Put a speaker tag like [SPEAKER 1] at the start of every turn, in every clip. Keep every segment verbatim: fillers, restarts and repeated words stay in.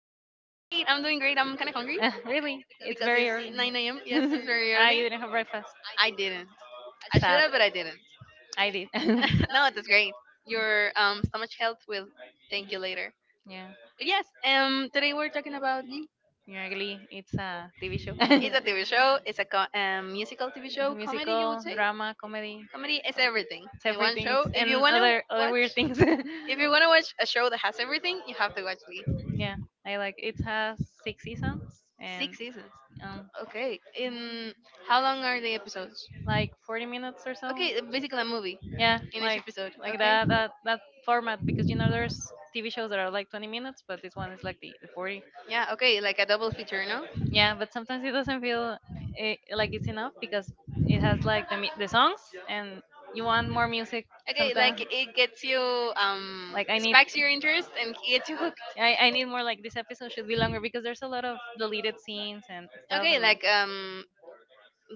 [SPEAKER 1] great. I'm doing great. I'm kind of hungry
[SPEAKER 2] Uh, really?
[SPEAKER 1] because
[SPEAKER 2] It's
[SPEAKER 1] it's
[SPEAKER 2] very early.
[SPEAKER 1] nine a m. Yes, it's very early.
[SPEAKER 2] ah, you didn't have breakfast.
[SPEAKER 1] I didn't. I should
[SPEAKER 2] Sad.
[SPEAKER 1] have, but I didn't.
[SPEAKER 2] I did.
[SPEAKER 1] no, that's great. Your um, stomach health will thank you later.
[SPEAKER 2] Yeah.
[SPEAKER 1] But yes, um, today we're talking about you.
[SPEAKER 2] Ugly. It's a T V show.
[SPEAKER 1] It's a T V show. It's a co- um, musical T V
[SPEAKER 2] It's
[SPEAKER 1] show. Comedy, you would
[SPEAKER 2] musical,
[SPEAKER 1] say.
[SPEAKER 2] drama, comedy. uh,
[SPEAKER 1] Comedy is everything
[SPEAKER 2] It's
[SPEAKER 1] in one
[SPEAKER 2] everything. It's
[SPEAKER 1] show. If you
[SPEAKER 2] and
[SPEAKER 1] wanna
[SPEAKER 2] other other
[SPEAKER 1] watch,
[SPEAKER 2] weird things.
[SPEAKER 1] if you wanna watch a show that has everything, you have to watch Glee.
[SPEAKER 2] Yeah, I like. It has six seasons and
[SPEAKER 1] Six seasons.
[SPEAKER 2] um,
[SPEAKER 1] Okay. In how long are the episodes?
[SPEAKER 2] like forty minutes or so.
[SPEAKER 1] Okay, basically a movie
[SPEAKER 2] Yeah,
[SPEAKER 1] in each
[SPEAKER 2] like
[SPEAKER 1] episode.
[SPEAKER 2] like
[SPEAKER 1] Okay.
[SPEAKER 2] that that that format because you know there's T V shows that are like twenty minutes, but this one is like the, the forty.
[SPEAKER 1] Yeah. Okay, like a double feature, no?
[SPEAKER 2] Yeah, but sometimes it doesn't feel eh, like it's enough because it has like the mi- the songs and you want more music. Okay,
[SPEAKER 1] Okay,
[SPEAKER 2] sometimes.
[SPEAKER 1] like it gets you um
[SPEAKER 2] Like I need,
[SPEAKER 1] spikes your interest and gets you hooked.
[SPEAKER 2] I, I need more, like this episode should be longer because there's a lot of deleted scenes and stuff
[SPEAKER 1] Okay,
[SPEAKER 2] and
[SPEAKER 1] like um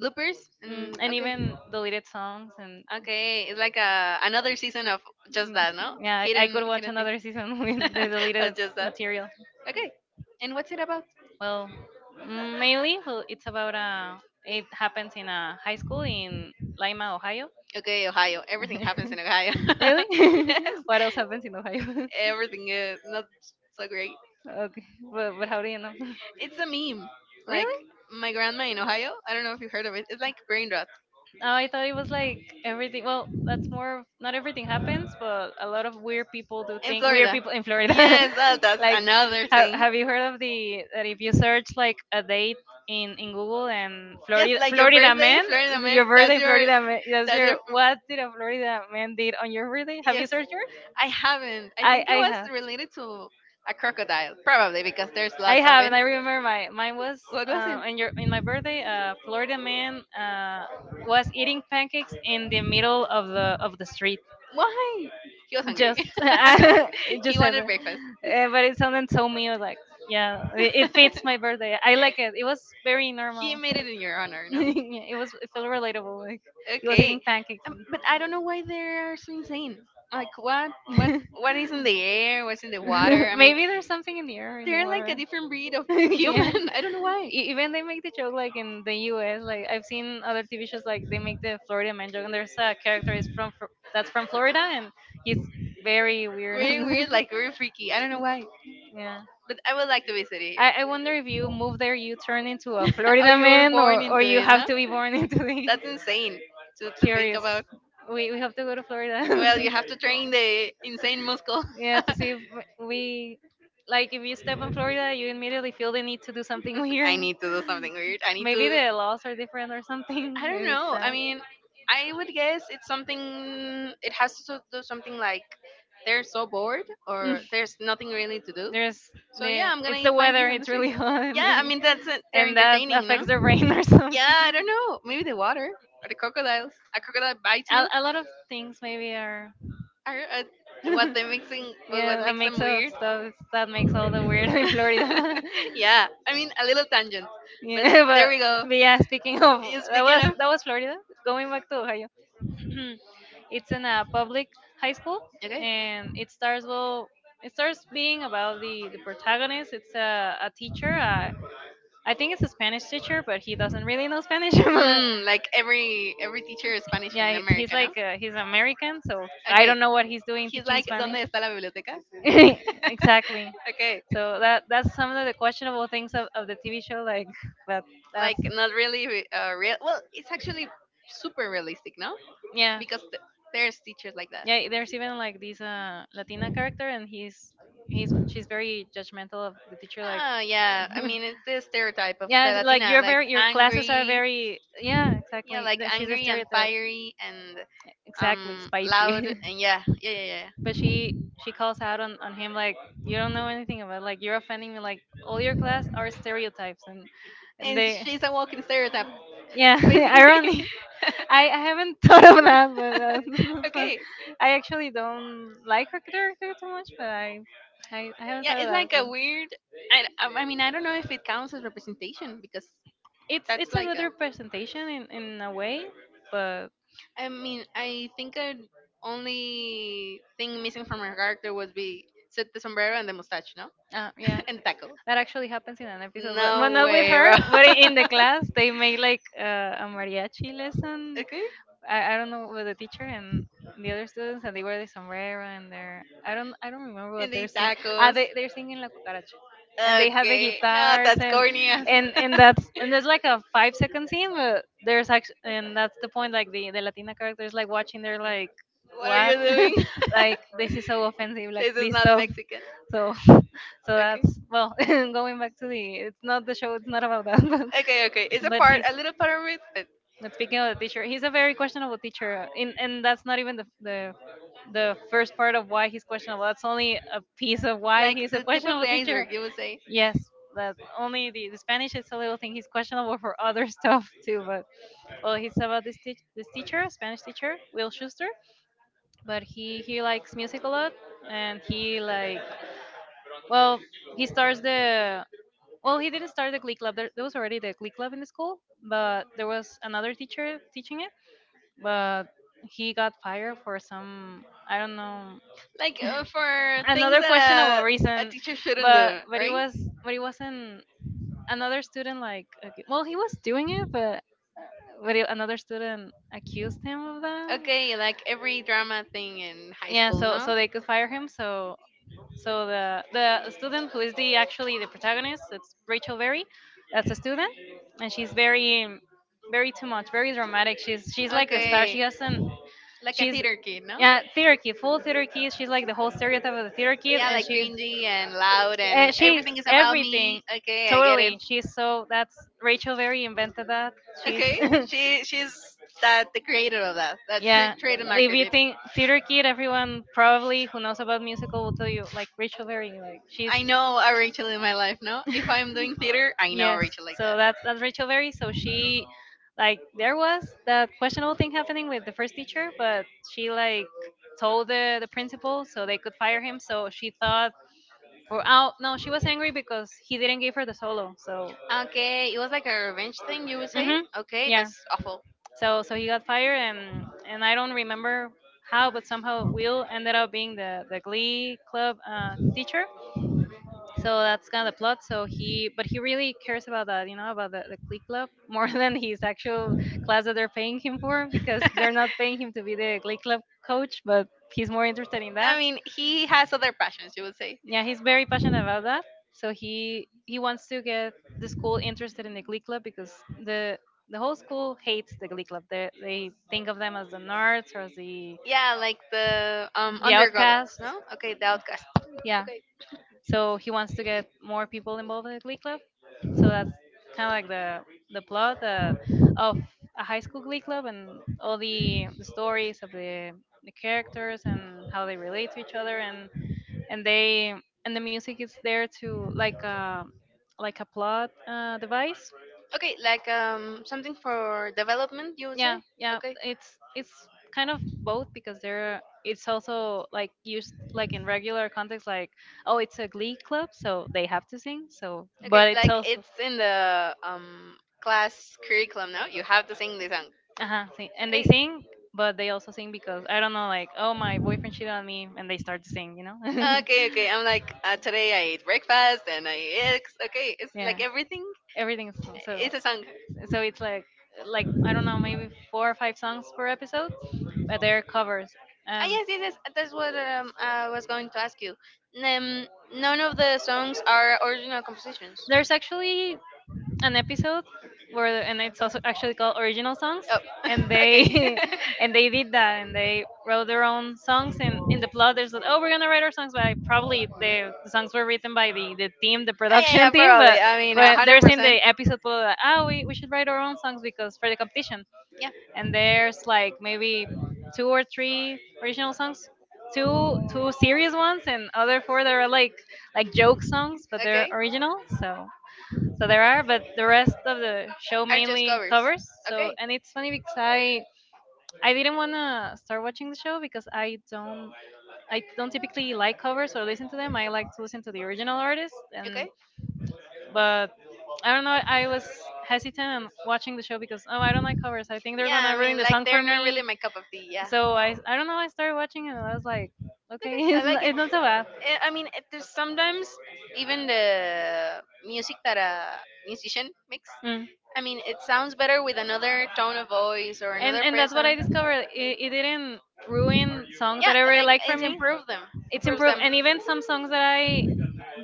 [SPEAKER 1] bloopers
[SPEAKER 2] like mm,
[SPEAKER 1] and
[SPEAKER 2] and
[SPEAKER 1] okay,
[SPEAKER 2] even deleted songs and
[SPEAKER 1] okay, it's like a another season of just
[SPEAKER 2] Mm,
[SPEAKER 1] that, no?
[SPEAKER 2] yeah, I, I could
[SPEAKER 1] Hidden
[SPEAKER 2] watch
[SPEAKER 1] hidden
[SPEAKER 2] material,
[SPEAKER 1] things
[SPEAKER 2] another season with the
[SPEAKER 1] of
[SPEAKER 2] deleted
[SPEAKER 1] just that.
[SPEAKER 2] material.
[SPEAKER 1] Okay, and what's it about?
[SPEAKER 2] Well, mm, mainly, well, it's about a. It happens in a high school in Lima, Ohio.
[SPEAKER 1] Okay, Ohio. Everything happens in Ohio.
[SPEAKER 2] Really?
[SPEAKER 1] yes,
[SPEAKER 2] What else happens in Ohio? Everything.
[SPEAKER 1] everything is not so great.
[SPEAKER 2] Okay, but, but how do you know?
[SPEAKER 1] It's a meme. Like
[SPEAKER 2] Really?
[SPEAKER 1] my grandma in Ohio, I don't know if you heard of it. It's like brain rot.
[SPEAKER 2] Oh, I thought it was like everything. Well, that's more of not everything happens, but a lot of weird people do,
[SPEAKER 1] In
[SPEAKER 2] think weird
[SPEAKER 1] Florida.
[SPEAKER 2] people in Florida.
[SPEAKER 1] Yes, uh, that's
[SPEAKER 2] Like,
[SPEAKER 1] another
[SPEAKER 2] have,
[SPEAKER 1] thing.
[SPEAKER 2] have you heard of the, that if you search like a date in in Google, and
[SPEAKER 1] Yes,
[SPEAKER 2] Florida
[SPEAKER 1] like your
[SPEAKER 2] Florida
[SPEAKER 1] birthday in
[SPEAKER 2] man,
[SPEAKER 1] Florida, man.
[SPEAKER 2] your
[SPEAKER 1] That's
[SPEAKER 2] birthday
[SPEAKER 1] your
[SPEAKER 2] Florida man, that's
[SPEAKER 1] that's
[SPEAKER 2] your,
[SPEAKER 1] your
[SPEAKER 2] what did a Florida man did on your birthday? Have you
[SPEAKER 1] yes.
[SPEAKER 2] searched yours?
[SPEAKER 1] I haven't. I
[SPEAKER 2] I
[SPEAKER 1] think
[SPEAKER 2] I
[SPEAKER 1] it was
[SPEAKER 2] have.
[SPEAKER 1] related to a crocodile, probably because there's
[SPEAKER 2] I
[SPEAKER 1] lots of
[SPEAKER 2] have, and
[SPEAKER 1] it.
[SPEAKER 2] I remember my, mine was
[SPEAKER 1] What was it?
[SPEAKER 2] uh, in your, in my birthday. A Florida man uh, was eating pancakes in the middle of the of the street.
[SPEAKER 1] Why? He was hungry.
[SPEAKER 2] Just it just
[SPEAKER 1] he
[SPEAKER 2] said
[SPEAKER 1] wanted breakfast.
[SPEAKER 2] that. Uh, but it sounded so mean. Like, yeah, it, it fits my birthday. I like it. It was very
[SPEAKER 1] he
[SPEAKER 2] normal.
[SPEAKER 1] made it in your honor, no?
[SPEAKER 2] Yeah, it was, it felt relatable. Like, he was eating
[SPEAKER 1] Okay,
[SPEAKER 2] pancakes.
[SPEAKER 1] um,
[SPEAKER 2] And
[SPEAKER 1] but I don't know why they are so insane. Like what, what, what is in the air? What's in the water? I mean,
[SPEAKER 2] maybe there's something in the air, in the
[SPEAKER 1] they're like
[SPEAKER 2] water.
[SPEAKER 1] a different breed of
[SPEAKER 2] Yeah.
[SPEAKER 1] human. I don't know why.
[SPEAKER 2] E- Even they make the joke, like in the U S. Like, I've seen other T V shows like they make the Florida man joke, and there's a character is from Fro- that's from Florida, and he's very weird. And
[SPEAKER 1] Very weird, like very freaky. I don't know why.
[SPEAKER 2] yeah.
[SPEAKER 1] But I would like to visit it.
[SPEAKER 2] I, I wonder if
[SPEAKER 1] Here.
[SPEAKER 2] you move there, you turn into a Florida
[SPEAKER 1] oh, you were
[SPEAKER 2] man,
[SPEAKER 1] born
[SPEAKER 2] or, or
[SPEAKER 1] into
[SPEAKER 2] you
[SPEAKER 1] it,
[SPEAKER 2] have
[SPEAKER 1] no?
[SPEAKER 2] to be born into the,
[SPEAKER 1] That's insane to, to think
[SPEAKER 2] curious.
[SPEAKER 1] about.
[SPEAKER 2] We, we have to go to Florida.
[SPEAKER 1] Well, you have to train the insane muscle.
[SPEAKER 2] Yeah, to see if w- we, like if you step on Florida you immediately feel the need to do something
[SPEAKER 1] I
[SPEAKER 2] weird.
[SPEAKER 1] need to do something weird. I need
[SPEAKER 2] Maybe
[SPEAKER 1] to.
[SPEAKER 2] the laws are different or something.
[SPEAKER 1] I don't
[SPEAKER 2] Maybe it's
[SPEAKER 1] know. I
[SPEAKER 2] that.
[SPEAKER 1] mean, I would guess it's something. It has to do something like they're so bored
[SPEAKER 2] Mm.
[SPEAKER 1] or there's nothing really to do.
[SPEAKER 2] There's
[SPEAKER 1] So
[SPEAKER 2] the,
[SPEAKER 1] yeah, I'm gonna
[SPEAKER 2] it's
[SPEAKER 1] eat
[SPEAKER 2] the weather, it's
[SPEAKER 1] pancakes and
[SPEAKER 2] really hot and,
[SPEAKER 1] yeah, I
[SPEAKER 2] they,
[SPEAKER 1] mean that's it. They're
[SPEAKER 2] and that
[SPEAKER 1] entertaining, no?
[SPEAKER 2] affects their brain or something.
[SPEAKER 1] Yeah, I don't know. Maybe the water or the crocodiles. A crocodile bites
[SPEAKER 2] A,
[SPEAKER 1] you.
[SPEAKER 2] a lot of things maybe are
[SPEAKER 1] Or uh, what they mixing? What what
[SPEAKER 2] yeah, a
[SPEAKER 1] makes
[SPEAKER 2] mix
[SPEAKER 1] them
[SPEAKER 2] of
[SPEAKER 1] weird?
[SPEAKER 2] stuff that makes all the weird in Florida.
[SPEAKER 1] yeah, I mean a little tangent, but
[SPEAKER 2] Yeah,
[SPEAKER 1] there
[SPEAKER 2] but,
[SPEAKER 1] we go.
[SPEAKER 2] but yeah, speaking of,
[SPEAKER 1] You
[SPEAKER 2] that
[SPEAKER 1] speaking
[SPEAKER 2] was,
[SPEAKER 1] of
[SPEAKER 2] that was Florida. Going back to Ohio, it's in a public high school,
[SPEAKER 1] okay,
[SPEAKER 2] and it starts well. It starts being about the the protagonist. It's a a teacher. Uh, I think it's a Spanish teacher, but he doesn't really know Spanish. But,
[SPEAKER 1] mm, like every every teacher is Spanish
[SPEAKER 2] yeah,
[SPEAKER 1] in
[SPEAKER 2] he- he's
[SPEAKER 1] America, no?
[SPEAKER 2] like uh, he's American, so I
[SPEAKER 1] Okay.
[SPEAKER 2] don't know what he's doing
[SPEAKER 1] He's
[SPEAKER 2] teaching
[SPEAKER 1] like,
[SPEAKER 2] Spanish.
[SPEAKER 1] ¿dónde está la biblioteca?
[SPEAKER 2] Exactly.
[SPEAKER 1] okay.
[SPEAKER 2] So that that's some of the questionable things of, of the T V show, like that. That's,
[SPEAKER 1] Like, not really re- uh, real. Well, it's actually super realistic, no?
[SPEAKER 2] yeah,
[SPEAKER 1] Because th- there's teachers like that.
[SPEAKER 2] yeah. There's even like this uh Latina character, and he's he's she's very judgmental of the teacher, like
[SPEAKER 1] Ah, yeah. I mean, it's the stereotype of the
[SPEAKER 2] yeah, it's like
[SPEAKER 1] Latina,
[SPEAKER 2] you're
[SPEAKER 1] like
[SPEAKER 2] very, your classes are
[SPEAKER 1] angry.
[SPEAKER 2] very, yeah,
[SPEAKER 1] Yeah,
[SPEAKER 2] exactly.
[SPEAKER 1] like
[SPEAKER 2] That she's a
[SPEAKER 1] angry and
[SPEAKER 2] stereotype,
[SPEAKER 1] fiery and
[SPEAKER 2] exactly,
[SPEAKER 1] um loud
[SPEAKER 2] spicy.
[SPEAKER 1] and yeah, yeah, yeah, yeah.
[SPEAKER 2] But she she calls out on, on him like, you don't know anything about, like you're offending me, like all your class are stereotypes, and and
[SPEAKER 1] And
[SPEAKER 2] they,
[SPEAKER 1] she's a walking stereotype,
[SPEAKER 2] yeah,
[SPEAKER 1] basically.
[SPEAKER 2] ironic. I, I haven't thought of that, but uh, that's fun.
[SPEAKER 1] okay.
[SPEAKER 2] I actually don't like her character too much, but I, I, I haven't
[SPEAKER 1] Yeah,
[SPEAKER 2] thought of
[SPEAKER 1] it's
[SPEAKER 2] that,
[SPEAKER 1] like a
[SPEAKER 2] but
[SPEAKER 1] weird. I, um, I mean, I don't know if it counts as representation because
[SPEAKER 2] it's
[SPEAKER 1] that's
[SPEAKER 2] it's a
[SPEAKER 1] like
[SPEAKER 2] good
[SPEAKER 1] a.
[SPEAKER 2] representation in, in a way. But
[SPEAKER 1] I mean, I think a only thing missing from her character was be said the sombrero and the mustache, no,
[SPEAKER 2] uh, yeah,
[SPEAKER 1] and the taco.
[SPEAKER 2] that actually happens in an episode, but, but
[SPEAKER 1] No
[SPEAKER 2] not with
[SPEAKER 1] way, bro.
[SPEAKER 2] her, but in the class they make like uh, a mariachi lesson.
[SPEAKER 1] okay,
[SPEAKER 2] I, I don't know, with the teacher and the other students, and they wear the sombrero, and they're, I don't, I don't remember what
[SPEAKER 1] and they
[SPEAKER 2] they're
[SPEAKER 1] eat
[SPEAKER 2] singing. Ah,
[SPEAKER 1] tacos.
[SPEAKER 2] they they're singing La Cucaracha. And they have the
[SPEAKER 1] Okay, no,
[SPEAKER 2] guitars,
[SPEAKER 1] that's
[SPEAKER 2] and
[SPEAKER 1] corny. as-
[SPEAKER 2] and and that's, and there's like a five second scene, but there's actually, and that's the point. Like the the Latina characters, like watching, they're like,
[SPEAKER 1] what are you
[SPEAKER 2] what?
[SPEAKER 1] doing?
[SPEAKER 2] Like this is so offensive. Like
[SPEAKER 1] This is
[SPEAKER 2] please
[SPEAKER 1] not
[SPEAKER 2] stop.
[SPEAKER 1] Mexican.
[SPEAKER 2] So, so that's well, going back to, the it's not the show. It's not about that, but
[SPEAKER 1] Okay, okay. It's a
[SPEAKER 2] but
[SPEAKER 1] part,
[SPEAKER 2] he's,
[SPEAKER 1] a little part of it, but
[SPEAKER 2] but speaking of the teacher, he's a very questionable teacher, uh, and and that's not even the the the first part of why he's questionable. That's only a piece of why
[SPEAKER 1] like
[SPEAKER 2] he's a
[SPEAKER 1] the tip of
[SPEAKER 2] questionable
[SPEAKER 1] the
[SPEAKER 2] teacher.
[SPEAKER 1] iceberg, you would say.
[SPEAKER 2] Yes, that only the, the Spanish is a little thing. He's questionable for other stuff too. But well, he's, about this teach this teacher, Spanish teacher, Will Schuster. But he he likes music a lot, and he like, well he starts the, well he didn't start the glee club. There, there was already the glee club in the school, but there was another teacher teaching it, but he got fired for some, I don't know,
[SPEAKER 1] Like uh, for things
[SPEAKER 2] another questionable
[SPEAKER 1] that a, a
[SPEAKER 2] reason,
[SPEAKER 1] teacher shouldn't
[SPEAKER 2] but
[SPEAKER 1] do,
[SPEAKER 2] but it
[SPEAKER 1] right?
[SPEAKER 2] was but it wasn't another student like ac- well he was doing it, but but it, another student accused him of that.
[SPEAKER 1] Okay, like every drama thing in high
[SPEAKER 2] Yeah,
[SPEAKER 1] school,
[SPEAKER 2] so
[SPEAKER 1] no?
[SPEAKER 2] so they could fire him. So so the the student who is the actually the protagonist, it's Rachel Berry. That's a student, and she's very, very too much, very dramatic. She's she's like the star.
[SPEAKER 1] Okay,
[SPEAKER 2] She has an,
[SPEAKER 1] like a
[SPEAKER 2] she's,
[SPEAKER 1] theater kid, no?
[SPEAKER 2] yeah, theater kid, full theater kid. She's like the whole stereotype of the theater kid,
[SPEAKER 1] Yeah,
[SPEAKER 2] and
[SPEAKER 1] like
[SPEAKER 2] she,
[SPEAKER 1] cringy and loud and
[SPEAKER 2] and she
[SPEAKER 1] everything is about me.
[SPEAKER 2] everything,
[SPEAKER 1] Okay, I get it.
[SPEAKER 2] totally. She's, so that's, Rachel Berry invented that. She's
[SPEAKER 1] Okay, she she's that the creator of that. That tra-
[SPEAKER 2] yeah.
[SPEAKER 1] trademarked
[SPEAKER 2] If you
[SPEAKER 1] it.
[SPEAKER 2] think theater kid, everyone probably who knows about musical will tell you, like, Rachel Berry. Like, she's
[SPEAKER 1] I know a Rachel in my life. No, if I'm doing theater, I know a
[SPEAKER 2] yes.
[SPEAKER 1] Rachel like
[SPEAKER 2] So
[SPEAKER 1] that.
[SPEAKER 2] that's that's Rachel Berry. So she, like there was that questionable thing happening with the first teacher, but she like told the the principal so they could fire him. So she thought for, oh no, she was angry because he didn't give her the solo. So,
[SPEAKER 1] Okay, it was like a revenge thing, you would say?
[SPEAKER 2] hmm,
[SPEAKER 1] Okay,
[SPEAKER 2] yeah.
[SPEAKER 1] that's awful.
[SPEAKER 2] So so he got fired, and and I don't remember how, but somehow Will ended up being the the Glee club uh, teacher, so that's kind of the plot. So he, but he really cares about that, you know, about the, the clique club more than his actual class that they're paying him for, because they're not paying him to be the clique club coach, but he's more interested in that.
[SPEAKER 1] I mean, he has other passions, you would say.
[SPEAKER 2] Yeah, he's very passionate about that. So he he wants to get the school interested in the glee club because the the whole school hates the glee club. they they think of them as the nerds, or as the
[SPEAKER 1] Yeah, like the um
[SPEAKER 2] the
[SPEAKER 1] underdogs,
[SPEAKER 2] outcasts,
[SPEAKER 1] no? Okay, the
[SPEAKER 2] yeah.
[SPEAKER 1] outcast.
[SPEAKER 2] Yeah.
[SPEAKER 1] Okay.
[SPEAKER 2] So he wants to get more people involved in the glee club. So that's kind of like the the plot, uh, of a high school glee club, and all the, the stories of the, the characters and how they relate to each other, and and they, and the music is there to, like a, like a plot uh, device.
[SPEAKER 1] Okay, like um something for development, you would say?
[SPEAKER 2] Yeah, yeah,
[SPEAKER 1] Okay.
[SPEAKER 2] it's it's kind of both, because there, it's also like used like in regular context, like, oh it's a glee club so they have to sing, so
[SPEAKER 1] Okay,
[SPEAKER 2] but it's
[SPEAKER 1] like
[SPEAKER 2] also,
[SPEAKER 1] it's in the um class curriculum now. You have to sing the song.
[SPEAKER 2] uh-huh, sing, and they
[SPEAKER 1] Okay.
[SPEAKER 2] sing, but they also sing because I don't know, like, oh my boyfriend cheated on me, and they start to sing, you know.
[SPEAKER 1] Okay, okay. I'm like uh, today I ate breakfast and I ate eggs. Okay, it's
[SPEAKER 2] Yeah,
[SPEAKER 1] like everything.
[SPEAKER 2] everything is small, so
[SPEAKER 1] It's a song.
[SPEAKER 2] so it's like like I don't know, maybe four or five songs per episode, but they're covers.
[SPEAKER 1] Ah,
[SPEAKER 2] um
[SPEAKER 1] yes, yes, yes. That's what um, I was going to ask you. Um, none of the songs are original compositions.
[SPEAKER 2] there's actually an episode where the- and it's also actually called original songs,
[SPEAKER 1] Oh,
[SPEAKER 2] and
[SPEAKER 1] okay.
[SPEAKER 2] they and they did that, and they wrote their own songs, and in the plot there's like, oh we're gonna write our songs, but I, probably the, the songs were written by the the team, the
[SPEAKER 1] Ah, yeah,
[SPEAKER 2] production
[SPEAKER 1] yeah,
[SPEAKER 2] team, but
[SPEAKER 1] probably. I mean, a
[SPEAKER 2] but
[SPEAKER 1] hundred
[SPEAKER 2] there's in
[SPEAKER 1] percent.
[SPEAKER 2] the episode below that, oh we, we should write our own songs because for the competition.
[SPEAKER 1] Yeah.
[SPEAKER 2] And there's like maybe two or three original songs, two two serious ones, and other four that are like like joke songs, but they're
[SPEAKER 1] Okay.
[SPEAKER 2] original. So so there are, but the rest of the show
[SPEAKER 1] Are just
[SPEAKER 2] mainly
[SPEAKER 1] covers.
[SPEAKER 2] covers. So
[SPEAKER 1] Okay.
[SPEAKER 2] and it's funny because i i didn't want to start watching the show because I don't, I don't typically like covers or listen to them. I like to listen to the original artist, and
[SPEAKER 1] Okay.
[SPEAKER 2] but I don't know. I was hesitant on watching the show because oh, I don't like covers. I think they're
[SPEAKER 1] Yeah,
[SPEAKER 2] gonna
[SPEAKER 1] I
[SPEAKER 2] ruin
[SPEAKER 1] mean,
[SPEAKER 2] the
[SPEAKER 1] like
[SPEAKER 2] song for
[SPEAKER 1] they're not really
[SPEAKER 2] me.
[SPEAKER 1] my cup of tea. Yeah.
[SPEAKER 2] So I I don't know. I started watching it and I was like, okay,
[SPEAKER 1] Okay, I
[SPEAKER 2] it's
[SPEAKER 1] like
[SPEAKER 2] not,
[SPEAKER 1] it.
[SPEAKER 2] it's not so bad.
[SPEAKER 1] Eh, I mean, it, there's sometimes even the music that a musician makes.
[SPEAKER 2] Mm.
[SPEAKER 1] I mean, it sounds better with another tone of voice or
[SPEAKER 2] And
[SPEAKER 1] another
[SPEAKER 2] and that's what I
[SPEAKER 1] person.
[SPEAKER 2] discovered. It, it didn't ruin songs
[SPEAKER 1] Yeah,
[SPEAKER 2] that I really
[SPEAKER 1] like
[SPEAKER 2] like for
[SPEAKER 1] it
[SPEAKER 2] me.
[SPEAKER 1] improves them.
[SPEAKER 2] It's
[SPEAKER 1] Improves
[SPEAKER 2] improved,
[SPEAKER 1] them.
[SPEAKER 2] and even some songs that I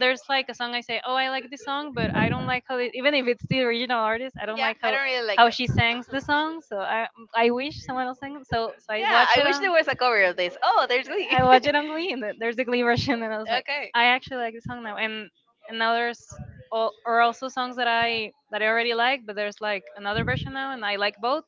[SPEAKER 2] there's like a song I say, oh, I like this song, but I don't like how it, even if it's the original artist, I don't
[SPEAKER 1] Yeah,
[SPEAKER 2] like
[SPEAKER 1] I
[SPEAKER 2] how
[SPEAKER 1] don't really like
[SPEAKER 2] how
[SPEAKER 1] it.
[SPEAKER 2] she sings the song. So I I wish someone else sang it. So so I
[SPEAKER 1] Yeah,
[SPEAKER 2] watch
[SPEAKER 1] I
[SPEAKER 2] it
[SPEAKER 1] wish
[SPEAKER 2] on.
[SPEAKER 1] there was a cover of this. Oh, there's Glee.
[SPEAKER 2] I watched it on Glee, and th- there's the Glee version, and I was like,
[SPEAKER 1] okay.
[SPEAKER 2] I actually like this song now. And and now there's all, or also songs that I that I already like, but there's like another version now, and I like both.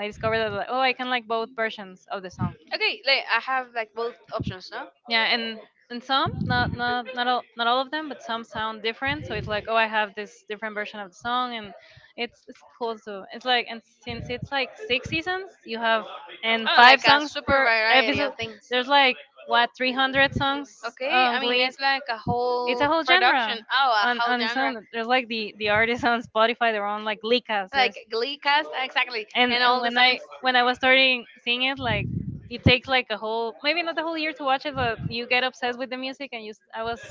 [SPEAKER 2] I discovered that like, oh, I can like both versions of the song,
[SPEAKER 1] Okay, like I have like both options, no?
[SPEAKER 2] yeah. And and some not not not all, not all of them, but some sound different, so it's like, oh, I have this different version of the song, and it's it's cool too. It's like, and since it's like six seasons, you have and
[SPEAKER 1] Oh,
[SPEAKER 2] five
[SPEAKER 1] like a
[SPEAKER 2] songs
[SPEAKER 1] super
[SPEAKER 2] per
[SPEAKER 1] variety
[SPEAKER 2] episode,
[SPEAKER 1] of things.
[SPEAKER 2] there's like what, three hundred songs
[SPEAKER 1] Okay,
[SPEAKER 2] on
[SPEAKER 1] I mean
[SPEAKER 2] Glee.
[SPEAKER 1] it's like a
[SPEAKER 2] It's
[SPEAKER 1] whole
[SPEAKER 2] a whole genre
[SPEAKER 1] production. Oh, a
[SPEAKER 2] on
[SPEAKER 1] whole
[SPEAKER 2] on its
[SPEAKER 1] genre.
[SPEAKER 2] own. There's like the the artists on Spotify, they're on like likas.
[SPEAKER 1] Like
[SPEAKER 2] There's
[SPEAKER 1] Glee cast, exactly,
[SPEAKER 2] and
[SPEAKER 1] and
[SPEAKER 2] and
[SPEAKER 1] all the
[SPEAKER 2] when I
[SPEAKER 1] songs.
[SPEAKER 2] when I was starting seeing it, like it takes like a whole, maybe not the whole year to watch it, but you get obsessed with the music, and you s- I was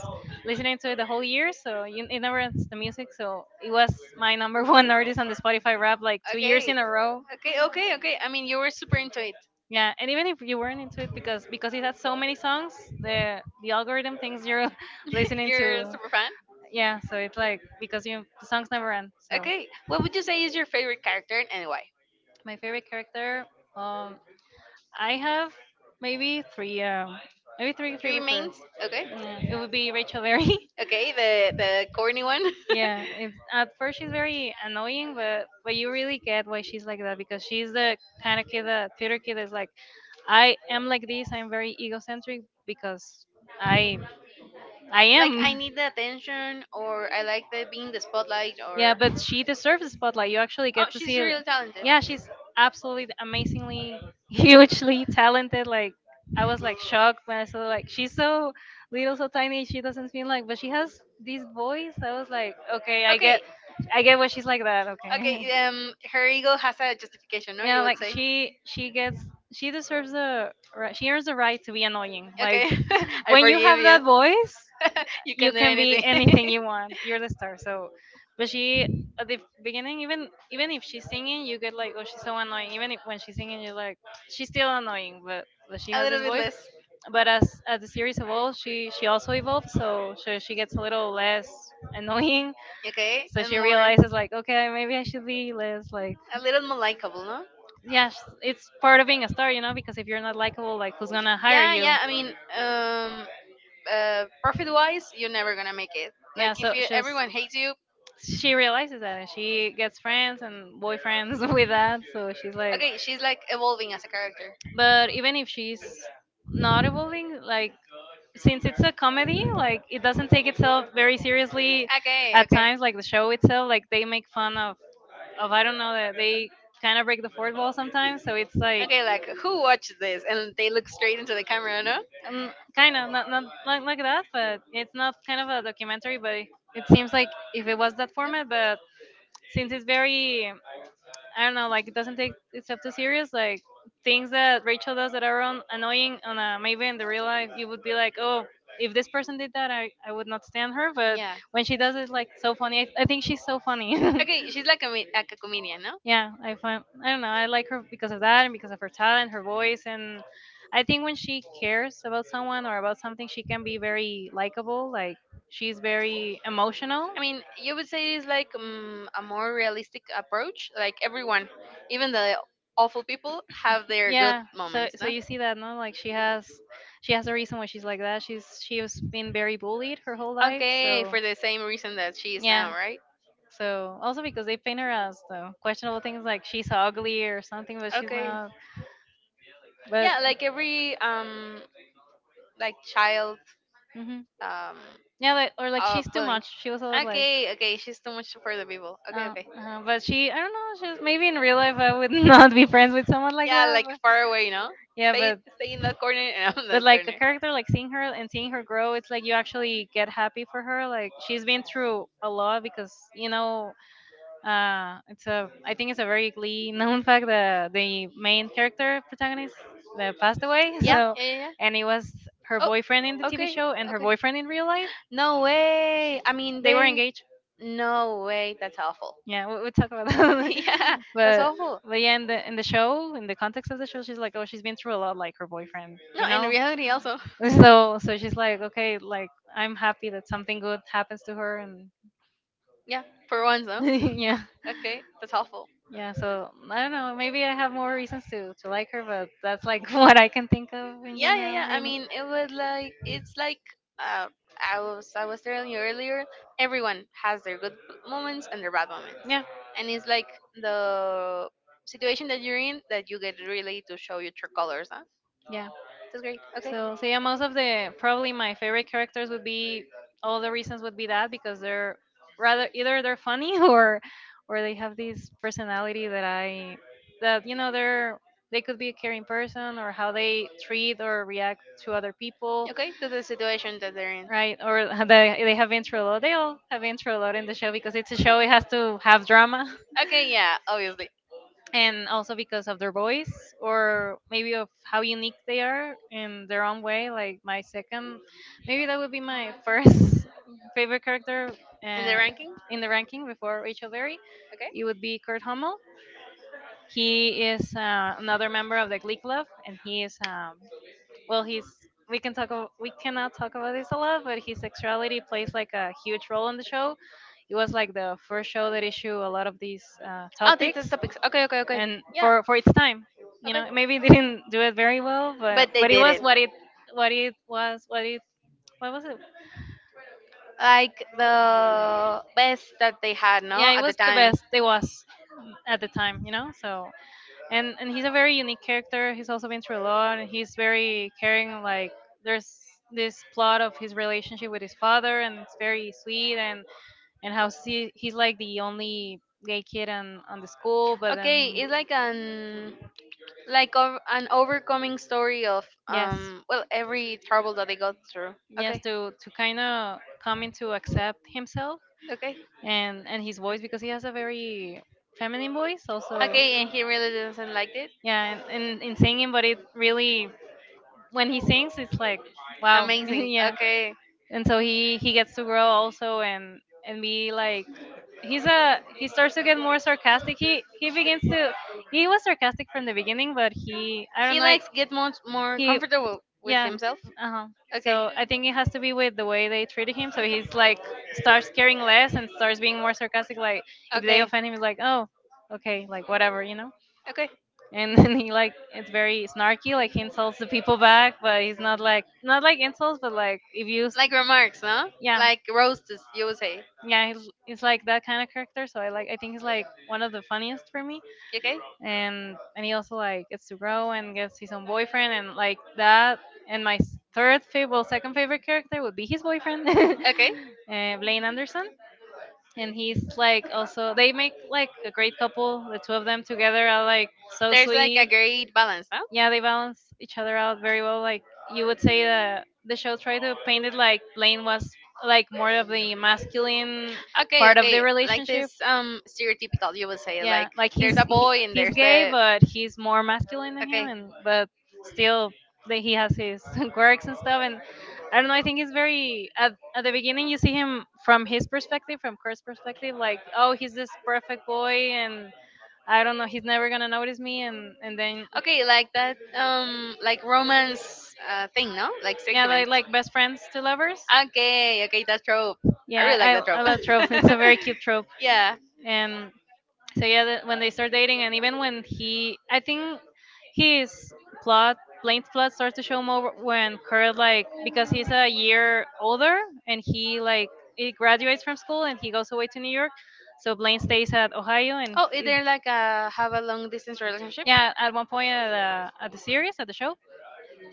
[SPEAKER 2] listening to it the whole year, so you, it never ends, the music. So it was my number one artist on the Spotify rap like two years
[SPEAKER 1] Okay,
[SPEAKER 2] in a row.
[SPEAKER 1] okay, okay, okay. I mean, you were super into it.
[SPEAKER 2] Yeah, and even if you weren't into it, because because it had so many songs, the the algorithm thinks you're listening
[SPEAKER 1] You're a
[SPEAKER 2] to,
[SPEAKER 1] super fan.
[SPEAKER 2] yeah. So it's like, because you, the songs never end. So
[SPEAKER 1] Okay, what would you say is your favorite character and why?
[SPEAKER 2] my favorite character, um, I have maybe three, um, maybe three
[SPEAKER 1] Three
[SPEAKER 2] favorite girls.
[SPEAKER 1] mains. Okay.
[SPEAKER 2] Yeah, it would be Rachel Berry.
[SPEAKER 1] Okay, the the corny one.
[SPEAKER 2] Yeah, it's, at first she's very annoying, but but you really get why she's like that, because she's the kind of kid, the theater kid, is like, I am like this. I'm very egocentric because I I
[SPEAKER 1] Like
[SPEAKER 2] am.
[SPEAKER 1] I need the attention, or I like the being the spotlight,
[SPEAKER 2] Yeah,
[SPEAKER 1] or
[SPEAKER 2] but she deserves the spotlight. You actually
[SPEAKER 1] oh,
[SPEAKER 2] get to
[SPEAKER 1] she's
[SPEAKER 2] see it.
[SPEAKER 1] really talented.
[SPEAKER 2] Yeah, she's absolutely amazingly, hugely talented. Like I was like shocked when I saw, like she's so little, so tiny. She doesn't seem like, but she has this voice. I was like, okay, I
[SPEAKER 1] Okay,
[SPEAKER 2] get, I get why she's like that. Okay.
[SPEAKER 1] okay. Um, her ego has a justification, no? You
[SPEAKER 2] Yeah,
[SPEAKER 1] would
[SPEAKER 2] like
[SPEAKER 1] say.
[SPEAKER 2] she she gets, she deserves the ri- she earns the right to be annoying.
[SPEAKER 1] Okay,
[SPEAKER 2] Like
[SPEAKER 1] I
[SPEAKER 2] when you
[SPEAKER 1] forgive
[SPEAKER 2] have
[SPEAKER 1] you.
[SPEAKER 2] that voice,
[SPEAKER 1] you can
[SPEAKER 2] you
[SPEAKER 1] do
[SPEAKER 2] can be
[SPEAKER 1] anything.
[SPEAKER 2] anything you want. You're the star. So, but she at the beginning, even even if she's singing, you get like, oh, she's so annoying. Even if, when she's singing, you're like, she's still annoying, but but she
[SPEAKER 1] a
[SPEAKER 2] has
[SPEAKER 1] little
[SPEAKER 2] this
[SPEAKER 1] bit
[SPEAKER 2] voice.
[SPEAKER 1] less.
[SPEAKER 2] But as as the series evolves, she she also evolves. So so she gets a little less annoying.
[SPEAKER 1] Okay,
[SPEAKER 2] So
[SPEAKER 1] and
[SPEAKER 2] she
[SPEAKER 1] more,
[SPEAKER 2] realizes
[SPEAKER 1] a
[SPEAKER 2] like, okay, maybe I should be less like,
[SPEAKER 1] little more likable, no?
[SPEAKER 2] yeah, sh- it's part of being a star, you know, because if you're not likable, like who's gonna hire
[SPEAKER 1] Yeah,
[SPEAKER 2] you?
[SPEAKER 1] yeah. I mean, um, uh, profit wise, you're never gonna make it. Like
[SPEAKER 2] Yeah,
[SPEAKER 1] if
[SPEAKER 2] so
[SPEAKER 1] you
[SPEAKER 2] she's,
[SPEAKER 1] everyone hates you.
[SPEAKER 2] she realizes that, and she gets friends and boyfriends with that. So she's like,
[SPEAKER 1] Okay, she's like evolving as a character.
[SPEAKER 2] but even if she's not evolving, like since it's a comedy, like it doesn't take itself very seriously
[SPEAKER 1] Okay,
[SPEAKER 2] at
[SPEAKER 1] okay.
[SPEAKER 2] times. Like the show itself, like they make fun of of I don't know that they kind of break the fourth wall sometimes. So it's like
[SPEAKER 1] Okay, like who watches this and they look straight into the camera, no?
[SPEAKER 2] um, kind of not not like, like that, but it's not kind of a documentary. But it seems like if it was that format, but since it's very, I don't know, like it doesn't take itself too serious. Like things that Rachel does that are on, annoying, on a, maybe in the real life, you would be like, oh, if this person did that, I, I would not stand her. But
[SPEAKER 1] Yeah.
[SPEAKER 2] when she does it, like so funny, I, I think she's so funny.
[SPEAKER 1] Okay, she's like a, mi- like a comedian, no?
[SPEAKER 2] Yeah, I find, I don't know, I like her because of that and because of her talent, her voice, and I think when she cares about someone or about something, she can be very likable. Like she's very emotional.
[SPEAKER 1] I mean, you would say it's like um, a more realistic approach. Like everyone, even the awful people, have their good
[SPEAKER 2] Yeah, so
[SPEAKER 1] moments,
[SPEAKER 2] so
[SPEAKER 1] no?
[SPEAKER 2] you see that, no, like she has, she has a reason why she's like that. She's, she was been very bullied her whole life,
[SPEAKER 1] Okay,
[SPEAKER 2] so
[SPEAKER 1] for the same reason that she is now,
[SPEAKER 2] yeah.
[SPEAKER 1] right?
[SPEAKER 2] So also because they paint her as the questionable things, like she's ugly or something, but she's
[SPEAKER 1] Okay.
[SPEAKER 2] not. But
[SPEAKER 1] Yeah, like every um like child
[SPEAKER 2] hmm,
[SPEAKER 1] um
[SPEAKER 2] yeah, like, or like
[SPEAKER 1] uh
[SPEAKER 2] she's too
[SPEAKER 1] bullying.
[SPEAKER 2] much, she was always like,
[SPEAKER 1] Okay, okay, she's too much for the people. Okay,
[SPEAKER 2] uh,
[SPEAKER 1] okay.
[SPEAKER 2] uh, but she, I don't know, she's maybe in real life I would not be friends with someone like
[SPEAKER 1] Yeah,
[SPEAKER 2] that,
[SPEAKER 1] like
[SPEAKER 2] but,
[SPEAKER 1] far away, no?
[SPEAKER 2] yeah,
[SPEAKER 1] Stay
[SPEAKER 2] but
[SPEAKER 1] stay in that corner and I'm in
[SPEAKER 2] but
[SPEAKER 1] that
[SPEAKER 2] like a
[SPEAKER 1] corner.
[SPEAKER 2] character, like seeing her and seeing her grow, it's like you actually get happy for her, like she's been through a lot, because you know, uh it's a, I think it's a very Glee known fact that the main character protagonist that passed away.
[SPEAKER 1] Yeah,
[SPEAKER 2] So,
[SPEAKER 1] yeah, yeah, yeah.
[SPEAKER 2] and it was her
[SPEAKER 1] Oh,
[SPEAKER 2] boyfriend in the TV
[SPEAKER 1] okay,
[SPEAKER 2] show and her
[SPEAKER 1] okay.
[SPEAKER 2] boyfriend in real life.
[SPEAKER 1] No way. I mean,
[SPEAKER 2] They were
[SPEAKER 1] they.
[SPEAKER 2] engaged.
[SPEAKER 1] No way. That's awful.
[SPEAKER 2] Yeah, we, we talk about that.
[SPEAKER 1] yeah, that's
[SPEAKER 2] but
[SPEAKER 1] awful.
[SPEAKER 2] but yeah, in the in the show, in the context of the show, she's like, oh, she's been through a lot, like her boyfriend, you
[SPEAKER 1] No, in
[SPEAKER 2] know.
[SPEAKER 1] reality, also.
[SPEAKER 2] So so she's like, okay, like I'm happy that something good happens to her, and
[SPEAKER 1] Yeah, for once, though.
[SPEAKER 2] yeah,
[SPEAKER 1] Okay, that's awful.
[SPEAKER 2] yeah. So I don't know. Maybe I have more reasons to to like her, but that's like what I can think of in
[SPEAKER 1] yeah yeah
[SPEAKER 2] general.
[SPEAKER 1] yeah I
[SPEAKER 2] Right now.
[SPEAKER 1] mean it was like it's like uh, i was i was telling you earlier, everyone has their good moments and their bad moments,
[SPEAKER 2] Yeah,
[SPEAKER 1] and it's like the situation that you're in that you get really to show your true colors, huh?
[SPEAKER 2] yeah.
[SPEAKER 1] That's great. Okay.
[SPEAKER 2] So, so yeah, most of the probably my favorite characters would be, all the reasons would be that because they're rather, either they're funny, or or they have this personality that I that you know they're, they could be a caring person, or how they treat or react to other people,
[SPEAKER 1] Okay, that's the situation that they're in.
[SPEAKER 2] right? Or they they have intro a lot. They all have intro a lot in the show because it's a show. It has to have drama.
[SPEAKER 1] Okay, yeah, obviously.
[SPEAKER 2] And also because of their voice, or maybe of how unique they are in their own way. Like my second, maybe that would be my first favorite character,
[SPEAKER 1] And the
[SPEAKER 2] uh,
[SPEAKER 1] ranking.
[SPEAKER 2] in the ranking before Rachel Berry,
[SPEAKER 1] Okay.
[SPEAKER 2] it would be Kurt Hummel. He is uh, another member of the Glee club, and he is, um, well he's we can talk about, we cannot talk about this a lot, but his sexuality plays like a huge role in the show. It was like the first show that issue a lot of these uh,
[SPEAKER 1] Oh, they test
[SPEAKER 2] topics.
[SPEAKER 1] topics. Okay, okay, okay.
[SPEAKER 2] And
[SPEAKER 1] Yeah,
[SPEAKER 2] for for its time, you
[SPEAKER 1] okay,
[SPEAKER 2] know, maybe it didn't do it very well, but
[SPEAKER 1] but they
[SPEAKER 2] but it
[SPEAKER 1] did
[SPEAKER 2] was
[SPEAKER 1] it,
[SPEAKER 2] what it, what it was what it what was it
[SPEAKER 1] like the best that they had,
[SPEAKER 2] Yeah,
[SPEAKER 1] no,
[SPEAKER 2] it
[SPEAKER 1] at the
[SPEAKER 2] was the
[SPEAKER 1] time.
[SPEAKER 2] best, it was at the time, you know. So and and he's a very unique character. He's also been through a lot, and he's very caring. Like there's this plot of his relationship with his father, and it's very sweet. and and how he, he's like the only gay kid on on the school, but
[SPEAKER 1] Okay,
[SPEAKER 2] then,
[SPEAKER 1] it's like an like ov- an overcoming story of
[SPEAKER 2] yes,
[SPEAKER 1] um well every trouble that they got through.
[SPEAKER 2] yes,
[SPEAKER 1] Okay,
[SPEAKER 2] to to kind of coming to accept himself,
[SPEAKER 1] okay,
[SPEAKER 2] and and his voice, because he has a very feminine voice also.
[SPEAKER 1] okay, and he really doesn't like it.
[SPEAKER 2] Yeah, and, and in singing, but it really, when he sings, it's like wow.
[SPEAKER 1] Amazing.
[SPEAKER 2] Yeah.
[SPEAKER 1] Okay.
[SPEAKER 2] And so he he gets to grow also, and and be like he's a he starts to get more sarcastic. He he begins to, he was sarcastic from the beginning, but he I don't
[SPEAKER 1] He
[SPEAKER 2] know. Like,
[SPEAKER 1] likes get much more
[SPEAKER 2] he,
[SPEAKER 1] comfortable with
[SPEAKER 2] yeah.
[SPEAKER 1] himself.
[SPEAKER 2] Uh-huh.
[SPEAKER 1] Okay.
[SPEAKER 2] So I think it has to be with the way they treated him. So he's like starts caring less and starts being more sarcastic. Like if they
[SPEAKER 1] Okay.
[SPEAKER 2] offend him, he's like, oh, okay, like whatever, you know.
[SPEAKER 1] Okay.
[SPEAKER 2] And then he, like it's very snarky. Like he insults the people back, but he's not like not like insults, but like if you,
[SPEAKER 1] Like remarks, no?
[SPEAKER 2] yeah,
[SPEAKER 1] Like roasts, you would say.
[SPEAKER 2] yeah, he's, he's like that kind of character. So I like I think he's like one of the funniest for me,
[SPEAKER 1] Okay.
[SPEAKER 2] and and he also like gets to grow and gets his own boyfriend and like that. And my s- third favorite, well, second favorite character would be his boyfriend, uh,
[SPEAKER 1] Okay.
[SPEAKER 2] Blaine Anderson. And he's like also they make like a great couple. The two of them together are like so
[SPEAKER 1] There's like a
[SPEAKER 2] sweet.
[SPEAKER 1] great balance, no?
[SPEAKER 2] Yeah, they balance each other out very well. Like, you would say that the show tried to paint it like Blaine was like more of the masculine
[SPEAKER 1] Okay,
[SPEAKER 2] part of the
[SPEAKER 1] okay. Like
[SPEAKER 2] relationship.
[SPEAKER 1] this um stereotypical you would say
[SPEAKER 2] Yeah,
[SPEAKER 1] like
[SPEAKER 2] like
[SPEAKER 1] there's
[SPEAKER 2] he's
[SPEAKER 1] a
[SPEAKER 2] he,
[SPEAKER 1] boy and
[SPEAKER 2] he's
[SPEAKER 1] there's
[SPEAKER 2] gay,
[SPEAKER 1] the
[SPEAKER 2] but he's more masculine than him,
[SPEAKER 1] okay.
[SPEAKER 2] and but still, like, he has his quirks and stuff. And I don't know, I think he's very at, at the beginning. You see him from his perspective, from Kurt's perspective, like, oh, he's this perfect boy and I don't know, he's never gonna notice me. And and then
[SPEAKER 1] Okay, like that um like romance uh thing, no? Like
[SPEAKER 2] yeah, they
[SPEAKER 1] segment.
[SPEAKER 2] like best friends to lovers.
[SPEAKER 1] Okay, okay, that trope. I
[SPEAKER 2] Yeah,
[SPEAKER 1] really like that
[SPEAKER 2] I, I
[SPEAKER 1] trope.
[SPEAKER 2] love trope. It's a very cute trope.
[SPEAKER 1] yeah.
[SPEAKER 2] And so yeah, the, when they start dating, and even when he, I think his plot, Blaine's plot, starts to show more when Kurt, like, because he's a year older and he like he graduates from school and he goes away to New York. So Blaine stays at Ohio, and
[SPEAKER 1] Oh, is
[SPEAKER 2] he,
[SPEAKER 1] there like a have a long distance relationship?
[SPEAKER 2] yeah, at one point at the, at the series at the show,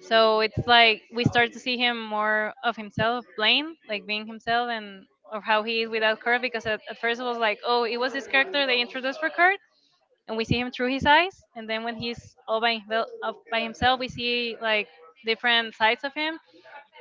[SPEAKER 2] so it's like we start to see him more of himself, Blaine, like being himself and of how he is without Kurt. Because at, at first it was like, oh, it was this character they introduced for Kurt, and we see him through his eyes. And then when he's all by, himvel- of- by himself, we see like different sides of him.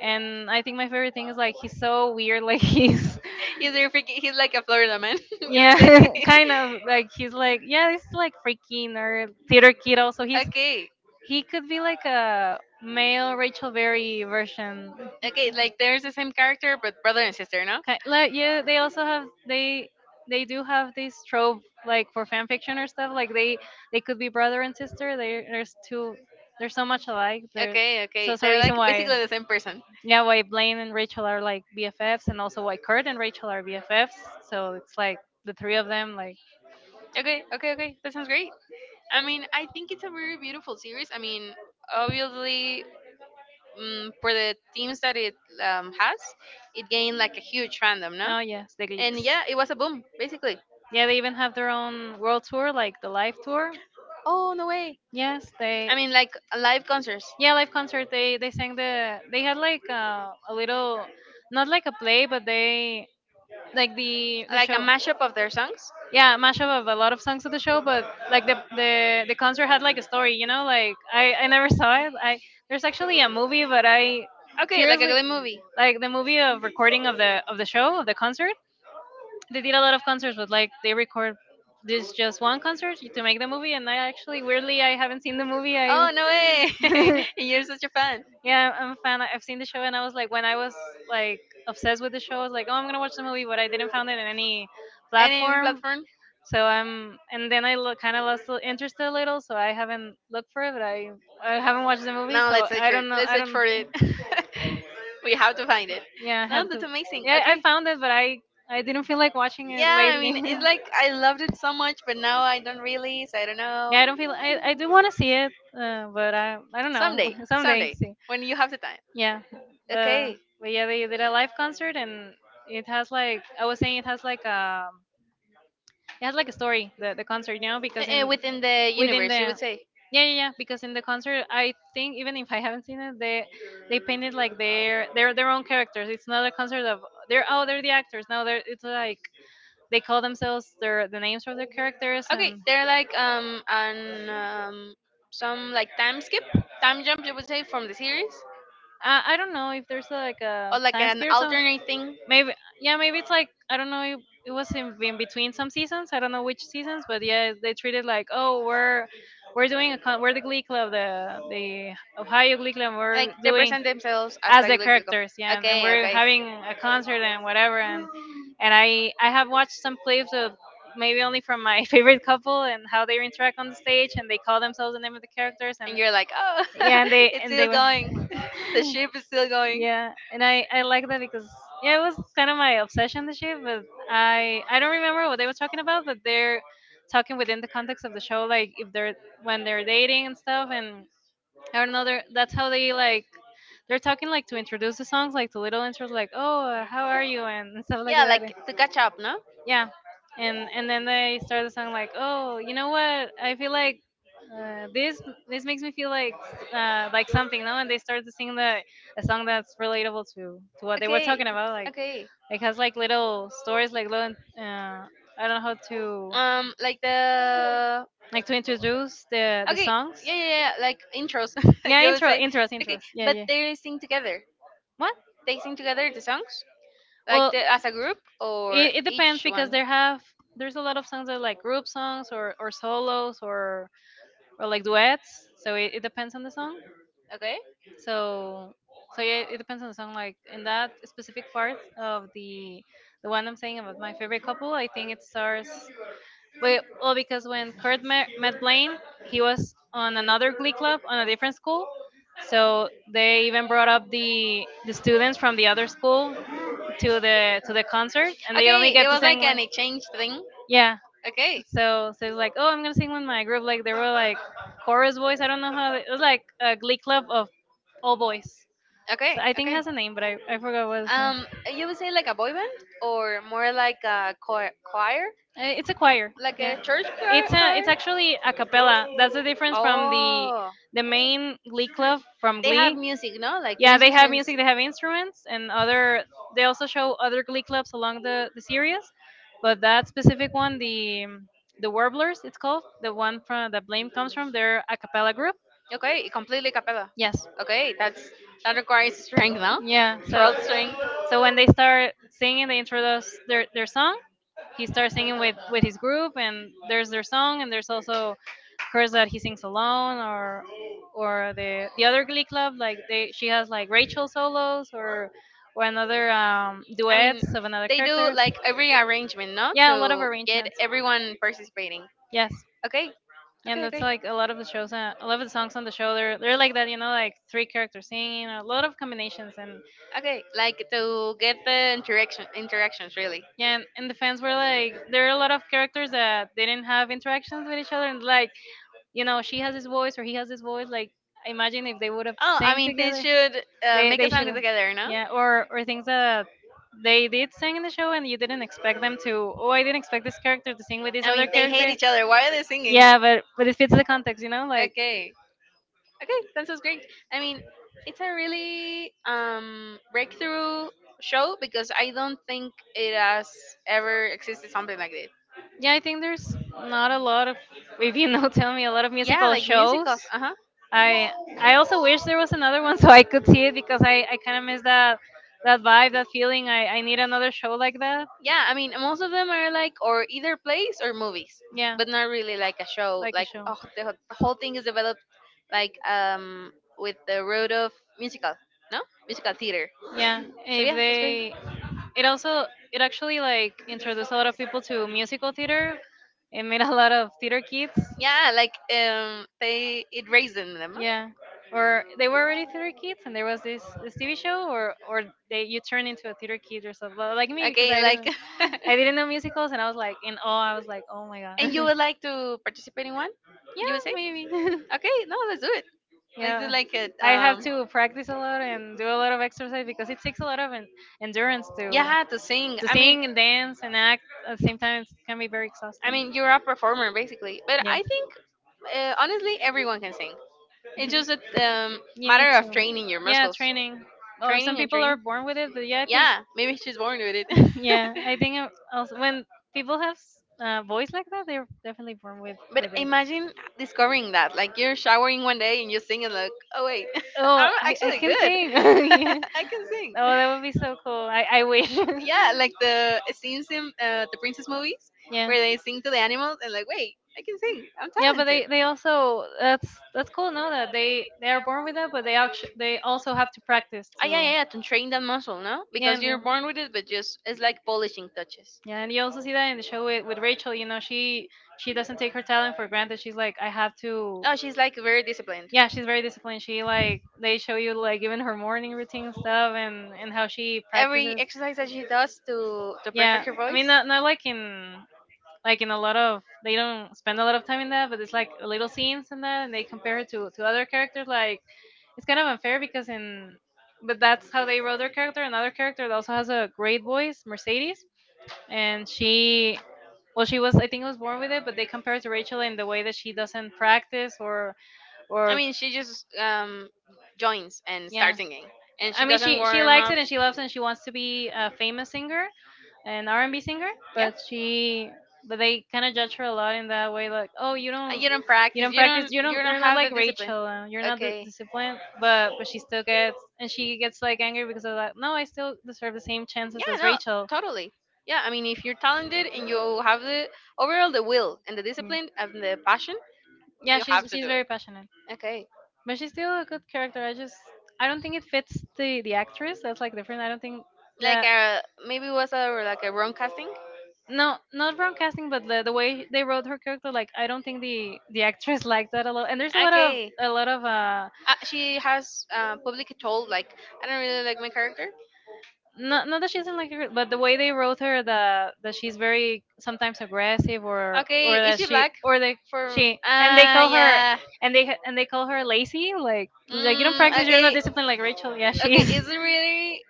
[SPEAKER 2] And I think my favorite thing is like he's so weird, like he's.
[SPEAKER 1] Is there freaking he's like a Florida man, you
[SPEAKER 2] Yeah,
[SPEAKER 1] would say.
[SPEAKER 2] kind of like he's like yeah, he's like freaky nerd theater kid. Also, he's
[SPEAKER 1] okay.
[SPEAKER 2] he could be like a male Rachel Berry version.
[SPEAKER 1] Okay, like there's the same character but brother and sister, no?
[SPEAKER 2] Ki- like yeah, they also have they they do have this trope like for fan fiction or stuff, like they they could be brother and sister. They There's two, there's so much alike there.
[SPEAKER 1] Okay,
[SPEAKER 2] So
[SPEAKER 1] okay.
[SPEAKER 2] that's a
[SPEAKER 1] They're like
[SPEAKER 2] reason why,
[SPEAKER 1] basically the same person.
[SPEAKER 2] yeah, why Blaine and Rachel are like BFFs, and also why Kurt and Rachel are BFFs. So it's like the three of them, like,
[SPEAKER 1] Okay, okay, okay. That sounds great. I mean, I think it's a very beautiful series. I mean, obviously, um, for the teams that it um, has, it gained like a huge fandom, no?
[SPEAKER 2] oh yes, the
[SPEAKER 1] And
[SPEAKER 2] gleeks.
[SPEAKER 1] yeah, it was a boom, basically.
[SPEAKER 2] Yeah, they even have their own world tour, like the live tour.
[SPEAKER 1] Oh, no way.
[SPEAKER 2] Yes, they,
[SPEAKER 1] I mean, like live concerts.
[SPEAKER 2] yeah, live concert. They they sang the they had like uh, a little, not like a play, but they like the the
[SPEAKER 1] Like a
[SPEAKER 2] show.
[SPEAKER 1] mashup of their songs.
[SPEAKER 2] Yeah, mashup of a lot of songs of the show, but like the the the concert had like a story. You know, like I I never saw it. I, there's actually a movie, but I
[SPEAKER 1] Okay, like a
[SPEAKER 2] curiously,
[SPEAKER 1] Glee movie.
[SPEAKER 2] like the movie of recording of the of the show of the concert, they did a lot of concerts, but like they record this just one concert to make the movie. And I actually, weirdly, I haven't seen the movie. I
[SPEAKER 1] Oh no way! You're such a fan.
[SPEAKER 2] yeah, I'm a fan. I've seen the show, and I was like, when I was, like, obsessed with the show, I was like, oh, I'm gonna watch the movie, but I didn't find it in any
[SPEAKER 1] Any
[SPEAKER 2] platform.
[SPEAKER 1] platform?
[SPEAKER 2] So I'm, and then I lo- kind of lost the interest a little, so I haven't looked for it, but I I haven't watched the movie,
[SPEAKER 1] No,
[SPEAKER 2] so
[SPEAKER 1] let's search
[SPEAKER 2] I
[SPEAKER 1] it.
[SPEAKER 2] don't know.
[SPEAKER 1] Let's
[SPEAKER 2] I
[SPEAKER 1] search
[SPEAKER 2] don't.
[SPEAKER 1] for it. we have to find it.
[SPEAKER 2] Yeah, I
[SPEAKER 1] No,
[SPEAKER 2] have
[SPEAKER 1] that's
[SPEAKER 2] to.
[SPEAKER 1] amazing.
[SPEAKER 2] Yeah, I
[SPEAKER 1] Okay.
[SPEAKER 2] found it, but I I didn't feel like watching it
[SPEAKER 1] Yeah, I mean,
[SPEAKER 2] lately.
[SPEAKER 1] it's like I loved it so much, but now I don't really, so I don't know.
[SPEAKER 2] Yeah, I don't feel. I, I do want to see it, uh, but I I don't know,
[SPEAKER 1] Someday,
[SPEAKER 2] someday.
[SPEAKER 1] someday,
[SPEAKER 2] See,
[SPEAKER 1] when you have the time.
[SPEAKER 2] yeah, but
[SPEAKER 1] Okay.
[SPEAKER 2] but yeah, they did a live concert and it has like I was saying, it has like a it has like a story, the the concert, you know, because
[SPEAKER 1] Uh, uh,
[SPEAKER 2] in
[SPEAKER 1] within the
[SPEAKER 2] within the,
[SPEAKER 1] universe, you would say.
[SPEAKER 2] yeah yeah yeah, because in the concert I think, even if I haven't seen it, they they painted like their their their own characters. It's not a concert of they're oh they're the actors now, they're it's like they call themselves their the names of their characters.
[SPEAKER 1] Okay,
[SPEAKER 2] And
[SPEAKER 1] they're like um an um some like time skip, time jump you would say from the series,
[SPEAKER 2] I, I don't know if there's like
[SPEAKER 1] or
[SPEAKER 2] a
[SPEAKER 1] like
[SPEAKER 2] time
[SPEAKER 1] an
[SPEAKER 2] scale or something.
[SPEAKER 1] alternate thing.
[SPEAKER 2] Maybe, yeah, maybe it's like I don't know. It, it was in, in between some seasons. I don't know which seasons, but yeah, they treated like, oh, we're we're doing a con- we're the Glee Club the the Ohio Glee Club.
[SPEAKER 1] Like
[SPEAKER 2] We're
[SPEAKER 1] they
[SPEAKER 2] doing
[SPEAKER 1] present themselves as
[SPEAKER 2] as the
[SPEAKER 1] like, like
[SPEAKER 2] characters, yeah, and, and
[SPEAKER 1] okay,
[SPEAKER 2] we're
[SPEAKER 1] okay.
[SPEAKER 2] having a concert and whatever. and and I I have watched some clips of, maybe only from my favorite couple, and how they interact on the stage and they call themselves the name of the characters. And
[SPEAKER 1] And you're like, oh,
[SPEAKER 2] yeah, and they
[SPEAKER 1] it's
[SPEAKER 2] and
[SPEAKER 1] still
[SPEAKER 2] they were
[SPEAKER 1] going. The ship is still going.
[SPEAKER 2] yeah, and i i like that because yeah, it was kind of my obsession this year. But i i don't remember what they were talking about, but they're talking within the context of the show, like if they're when they're dating and stuff. And I don't know, they're, that's how they like they're talking, like to introduce the songs, like to little intros like, oh uh, how are you and and stuff like
[SPEAKER 1] Yeah,
[SPEAKER 2] that.
[SPEAKER 1] like to catch up, no?
[SPEAKER 2] Yeah, and and then they start the song like, oh, you know what, I feel like uh, this, this makes me feel like uh, like something, no. And they start to sing the a song that's relatable to to what they were
[SPEAKER 1] Okay.
[SPEAKER 2] talking about, like
[SPEAKER 1] Okay.
[SPEAKER 2] it has like little stories, like little uh, I don't know how to,
[SPEAKER 1] Um, like the
[SPEAKER 2] like to introduce the the
[SPEAKER 1] okay,
[SPEAKER 2] songs.
[SPEAKER 1] yeah, yeah, yeah, like intros.
[SPEAKER 2] Yeah,
[SPEAKER 1] You would
[SPEAKER 2] intro
[SPEAKER 1] say,
[SPEAKER 2] intros,
[SPEAKER 1] okay,
[SPEAKER 2] intros, yeah
[SPEAKER 1] but
[SPEAKER 2] yeah.
[SPEAKER 1] they sing together.
[SPEAKER 2] What?
[SPEAKER 1] They sing together the songs, like,
[SPEAKER 2] Well,
[SPEAKER 1] the, as a group or
[SPEAKER 2] it, it depends
[SPEAKER 1] each
[SPEAKER 2] because
[SPEAKER 1] one.
[SPEAKER 2] there have there's a lot of songs that are like group songs, or or solos, or or like duets. So it, it depends on the song.
[SPEAKER 1] Okay.
[SPEAKER 2] So so yeah, it depends on the song. Like in that specific part of the the one I'm saying about my favorite couple, I think it stars. Well, well because when Kurt met, met Blaine, he was on another Glee club on a different school. So they even brought up the the students from the other school to the to the concert, and they only
[SPEAKER 1] Okay, it
[SPEAKER 2] get to
[SPEAKER 1] was
[SPEAKER 2] sing
[SPEAKER 1] like an
[SPEAKER 2] like,
[SPEAKER 1] exchange thing.
[SPEAKER 2] yeah.
[SPEAKER 1] Okay.
[SPEAKER 2] So, so it's like, oh, I'm gonna sing with my group. Like they were like chorus boys. I don't know how. They, it was like a glee club of all boys.
[SPEAKER 1] Okay.
[SPEAKER 2] So I think it
[SPEAKER 1] Okay.
[SPEAKER 2] has a name, but I, I forgot what it's name.
[SPEAKER 1] Um,
[SPEAKER 2] Uh,
[SPEAKER 1] you would say like a boy band or more like a choir? choir?
[SPEAKER 2] It's a choir.
[SPEAKER 1] Like
[SPEAKER 2] Yeah,
[SPEAKER 1] a church choir?
[SPEAKER 2] it's a
[SPEAKER 1] choir?
[SPEAKER 2] it's actually a cappella. That's the difference from the
[SPEAKER 1] Oh,
[SPEAKER 2] the main Glee club from
[SPEAKER 1] they have
[SPEAKER 2] Glee.
[SPEAKER 1] the music, no? Like
[SPEAKER 2] Yeah, they have
[SPEAKER 1] musicians.
[SPEAKER 2] music, they have instruments, and other. They also
[SPEAKER 1] They
[SPEAKER 2] show other glee clubs along the the series, but that specific one, the um, the Warblers, it's called, the one from the blame comes from, their are a cappella group.
[SPEAKER 1] Okay, completely capella.
[SPEAKER 2] Yes.
[SPEAKER 1] Okay, that's that requires strength, no?
[SPEAKER 2] Yeah. So
[SPEAKER 1] Throat strength.
[SPEAKER 2] so when they start singing, they introduce their their song. He starts singing with with his group, and there's their song, and there's also hers that he sings alone, or or the the other glee club, like they she has like Rachel solos, or or another um
[SPEAKER 1] I mean,
[SPEAKER 2] duets of another
[SPEAKER 1] they do character,
[SPEAKER 2] characters.
[SPEAKER 1] like every arrangement, no?
[SPEAKER 2] Yeah, a lot of
[SPEAKER 1] To get
[SPEAKER 2] arrangements.
[SPEAKER 1] everyone participating.
[SPEAKER 2] Yes.
[SPEAKER 1] Okay,
[SPEAKER 2] And
[SPEAKER 1] yeah, okay,
[SPEAKER 2] that's
[SPEAKER 1] okay,
[SPEAKER 2] like a lot of the shows, uh, a lot of the songs on the show, they're they're like that, you know, like three characters singing, a lot of combinations. And
[SPEAKER 1] okay. Like to get the interaction, interactions really.
[SPEAKER 2] yeah, and, and the fans were like, there are a lot of characters that they didn't have interactions with each other, and like, you know, she has this voice or he has this voice, like, imagine if they would have
[SPEAKER 1] Oh, I
[SPEAKER 2] sang
[SPEAKER 1] mean, they
[SPEAKER 2] together.
[SPEAKER 1] should uh,
[SPEAKER 2] they
[SPEAKER 1] make
[SPEAKER 2] they
[SPEAKER 1] a
[SPEAKER 2] should,
[SPEAKER 1] song together, no?
[SPEAKER 2] yeah. or or things that they did sing in the show and you didn't expect them to, oh, I didn't expect this character to sing with this other
[SPEAKER 1] Mean, they hate
[SPEAKER 2] character.
[SPEAKER 1] each other. Why are they singing?
[SPEAKER 2] Yeah, but but it fits the context, you know, like
[SPEAKER 1] Okay. Okay, that sounds great. I mean, it's a really um breakthrough show, because I don't think it has ever existed something like this.
[SPEAKER 2] yeah, I think there's
[SPEAKER 1] Yeah,
[SPEAKER 2] not a lot of, if you know, tell me a lot of
[SPEAKER 1] yeah,
[SPEAKER 2] musical
[SPEAKER 1] like
[SPEAKER 2] shows.
[SPEAKER 1] musicals. Uh huh.
[SPEAKER 2] i i also wish there was another one so I could see it, because i i kind of miss that, that vibe, that feeling, i i need another show like that.
[SPEAKER 1] Yeah, I mean most of them are, like, or either plays or movies,
[SPEAKER 2] Yeah,
[SPEAKER 1] but not really like a show,
[SPEAKER 2] like a
[SPEAKER 1] like,
[SPEAKER 2] show,
[SPEAKER 1] oh, the, whole- the whole thing is developed, like, um with the root of musical, no, musical theater.
[SPEAKER 2] yeah,
[SPEAKER 1] So
[SPEAKER 2] if
[SPEAKER 1] yeah, that's great.
[SPEAKER 2] they, it also, it actually like introduced a lot of people to musical theater. It made a lot of theater kids.
[SPEAKER 1] Yeah, like, um they it raised in them, huh?
[SPEAKER 2] Yeah, or they were already theater kids and there was this this T V show, or or they, you turn into a theater kid or something. Well, like me, because
[SPEAKER 1] Okay,
[SPEAKER 2] I
[SPEAKER 1] like.
[SPEAKER 2] didn't I didn't know musicals and I was like in awe, I was like, oh my god.
[SPEAKER 1] And you
[SPEAKER 2] yeah,
[SPEAKER 1] would like to participate in one? You would say?
[SPEAKER 2] maybe.
[SPEAKER 1] Okay, no, let's do it. Let's do
[SPEAKER 2] Yeah,
[SPEAKER 1] like a
[SPEAKER 2] I have
[SPEAKER 1] um.
[SPEAKER 2] to practice a lot and do a lot of exercise because it takes a lot of en- endurance to
[SPEAKER 1] Yeah, to sing.
[SPEAKER 2] to
[SPEAKER 1] I mean,
[SPEAKER 2] sing and dance and act at the same time, it can be very
[SPEAKER 1] I
[SPEAKER 2] exhausting.
[SPEAKER 1] mean, you're a performer basically. But
[SPEAKER 2] Yes,
[SPEAKER 1] I think, uh, honestly, everyone can sing. It's just a um,
[SPEAKER 2] you need
[SPEAKER 1] matter of
[SPEAKER 2] to.
[SPEAKER 1] training your
[SPEAKER 2] Yeah,
[SPEAKER 1] muscles,
[SPEAKER 2] training. Or some
[SPEAKER 1] training and
[SPEAKER 2] people are
[SPEAKER 1] training.
[SPEAKER 2] born with it, but yeah, I think
[SPEAKER 1] Yeah, maybe she's born with it.
[SPEAKER 2] yeah, I think uh, also when people have s- uh, voice like that, they're definitely born with
[SPEAKER 1] But
[SPEAKER 2] with it.
[SPEAKER 1] imagine discovering that, like, you're showering one day and you sing and, like, oh wait.
[SPEAKER 2] Oh,
[SPEAKER 1] I'm
[SPEAKER 2] I I
[SPEAKER 1] actually
[SPEAKER 2] can
[SPEAKER 1] good.
[SPEAKER 2] sing. yeah.
[SPEAKER 1] I can sing.
[SPEAKER 2] Oh, that would be so cool. I I wish.
[SPEAKER 1] Yeah, like the scenes in uh, the princess movies
[SPEAKER 2] yeah.
[SPEAKER 1] where they sing to the animals and, like, wait, I can sing. I'm
[SPEAKER 2] Yeah, but
[SPEAKER 1] talented.
[SPEAKER 2] they, they also, that's that's cool. No, that they they are born with that, but they actually they also have to practice
[SPEAKER 1] Ah, yeah,
[SPEAKER 2] to.
[SPEAKER 1] yeah, yeah, to train that muscle, no?
[SPEAKER 2] Yeah,
[SPEAKER 1] Because
[SPEAKER 2] and
[SPEAKER 1] you're
[SPEAKER 2] do.
[SPEAKER 1] born with it, but just it's like polishing touches.
[SPEAKER 2] Yeah, and you also see that in the show with, with Rachel. You know, she she doesn't take her talent for granted. She's like, I have to.
[SPEAKER 1] Oh, she's like very disciplined.
[SPEAKER 2] Yeah, she's very disciplined. She like they show you like even her morning routine and stuff and and how she
[SPEAKER 1] Every
[SPEAKER 2] practices.
[SPEAKER 1] exercise that she does to to
[SPEAKER 2] Yeah,
[SPEAKER 1] perfect her
[SPEAKER 2] I
[SPEAKER 1] voice.
[SPEAKER 2] mean not not like in like in a lot of they don't spend a lot of time in that, but it's like little scenes in that, and they compare it to to other characters. Like it's kind of unfair because in but that's how they wrote their character. Another character that also has a great voice, Mercedes, and she well she was I think was born with it, but they compare it to Rachel in the way that she doesn't practice or
[SPEAKER 1] I
[SPEAKER 2] or
[SPEAKER 1] mean, she just um joins and
[SPEAKER 2] yeah,
[SPEAKER 1] starts singing, and
[SPEAKER 2] I
[SPEAKER 1] she
[SPEAKER 2] mean
[SPEAKER 1] doesn't
[SPEAKER 2] she she
[SPEAKER 1] warm
[SPEAKER 2] likes
[SPEAKER 1] up.
[SPEAKER 2] it and she loves it and she wants to be a famous singer, an R&B singer,
[SPEAKER 1] Yeah.
[SPEAKER 2] but she but they kind of judge her a lot in that way, like oh you
[SPEAKER 1] Uh,
[SPEAKER 2] don't
[SPEAKER 1] you don't
[SPEAKER 2] you
[SPEAKER 1] practice.
[SPEAKER 2] don't
[SPEAKER 1] You
[SPEAKER 2] practice,
[SPEAKER 1] don't.
[SPEAKER 2] you
[SPEAKER 1] You
[SPEAKER 2] don't,
[SPEAKER 1] don't
[SPEAKER 2] you're not
[SPEAKER 1] have the
[SPEAKER 2] like
[SPEAKER 1] discipline.
[SPEAKER 2] Rachel, uh, you're not d-
[SPEAKER 1] Okay.
[SPEAKER 2] disciplined, but but she still gets and she gets like angry because of that. No, I still deserve the same
[SPEAKER 1] Yeah.
[SPEAKER 2] chances as
[SPEAKER 1] No.
[SPEAKER 2] Rachel.
[SPEAKER 1] Totally. Yeah. I mean, if you're talented and you have the overall the will and the
[SPEAKER 2] Mm.
[SPEAKER 1] discipline and the passion,
[SPEAKER 2] Yeah,
[SPEAKER 1] you
[SPEAKER 2] she's
[SPEAKER 1] have to
[SPEAKER 2] she's
[SPEAKER 1] do it.
[SPEAKER 2] very passionate,
[SPEAKER 1] Okay.
[SPEAKER 2] but she's still a good character. I just I don't think it fits the the actress. That's like different. I don't think
[SPEAKER 1] Like,
[SPEAKER 2] that
[SPEAKER 1] uh maybe it was a like a wrong casting.
[SPEAKER 2] no not wrong casting, but the, the way they wrote her character, like I don't think the the actress liked that a lot. And there's a lot of
[SPEAKER 1] Okay.
[SPEAKER 2] a lot of uh
[SPEAKER 1] Uh, she has uh, publicly told, like, I don't really like my character.
[SPEAKER 2] not not that she doesn't like her, but the way they wrote her, the that she's very sometimes aggressive or
[SPEAKER 1] Okay,
[SPEAKER 2] or
[SPEAKER 1] is
[SPEAKER 2] that
[SPEAKER 1] she
[SPEAKER 2] she
[SPEAKER 1] black?
[SPEAKER 2] or they
[SPEAKER 1] For
[SPEAKER 2] she and they
[SPEAKER 1] ah
[SPEAKER 2] call her.
[SPEAKER 1] Yeah,
[SPEAKER 2] And they and they call her lazy, like like you don't
[SPEAKER 1] mm,
[SPEAKER 2] practice, you're not
[SPEAKER 1] okay.
[SPEAKER 2] disciplined like Rachel. Yeah,
[SPEAKER 1] Okay,
[SPEAKER 2] she's
[SPEAKER 1] it's really.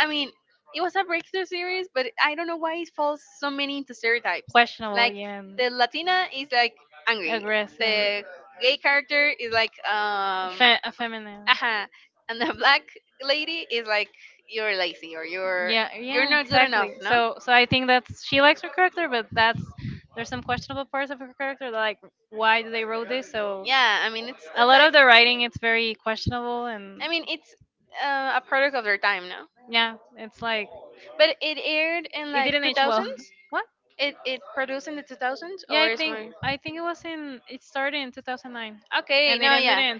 [SPEAKER 1] I mean, it was a breakthrough series, but I don't know why it falls so many into stereotypes.
[SPEAKER 2] questionable.
[SPEAKER 1] Like,
[SPEAKER 2] Yeah,
[SPEAKER 1] the Latina is like angry.
[SPEAKER 2] aggressive,
[SPEAKER 1] The gay character is like um.
[SPEAKER 2] fe- uh, feminine.
[SPEAKER 1] Aha. And the black lady is like, you're lazy, or you're
[SPEAKER 2] Yeah,
[SPEAKER 1] you're
[SPEAKER 2] yeah,
[SPEAKER 1] not good enough,
[SPEAKER 2] exactly.
[SPEAKER 1] no?
[SPEAKER 2] So, so I think that's she likes her character, but that's there's some questionable parts of her character, like why do they wrote this? So
[SPEAKER 1] Yeah, I mean it's,
[SPEAKER 2] a
[SPEAKER 1] uh,
[SPEAKER 2] lot
[SPEAKER 1] like,
[SPEAKER 2] of the writing it's very questionable, and
[SPEAKER 1] I mean it's uh, a product of their time, no?
[SPEAKER 2] yeah, it's like
[SPEAKER 1] But it aired in
[SPEAKER 2] it
[SPEAKER 1] like
[SPEAKER 2] didn't age well.
[SPEAKER 1] two thousands?
[SPEAKER 2] What?
[SPEAKER 1] It, it produced in the two thousands,
[SPEAKER 2] Yeah,
[SPEAKER 1] or
[SPEAKER 2] I
[SPEAKER 1] is
[SPEAKER 2] think
[SPEAKER 1] more?
[SPEAKER 2] I think it was in it started in two thousand nine,
[SPEAKER 1] Okay,
[SPEAKER 2] and it
[SPEAKER 1] no,
[SPEAKER 2] ended
[SPEAKER 1] yeah.
[SPEAKER 2] in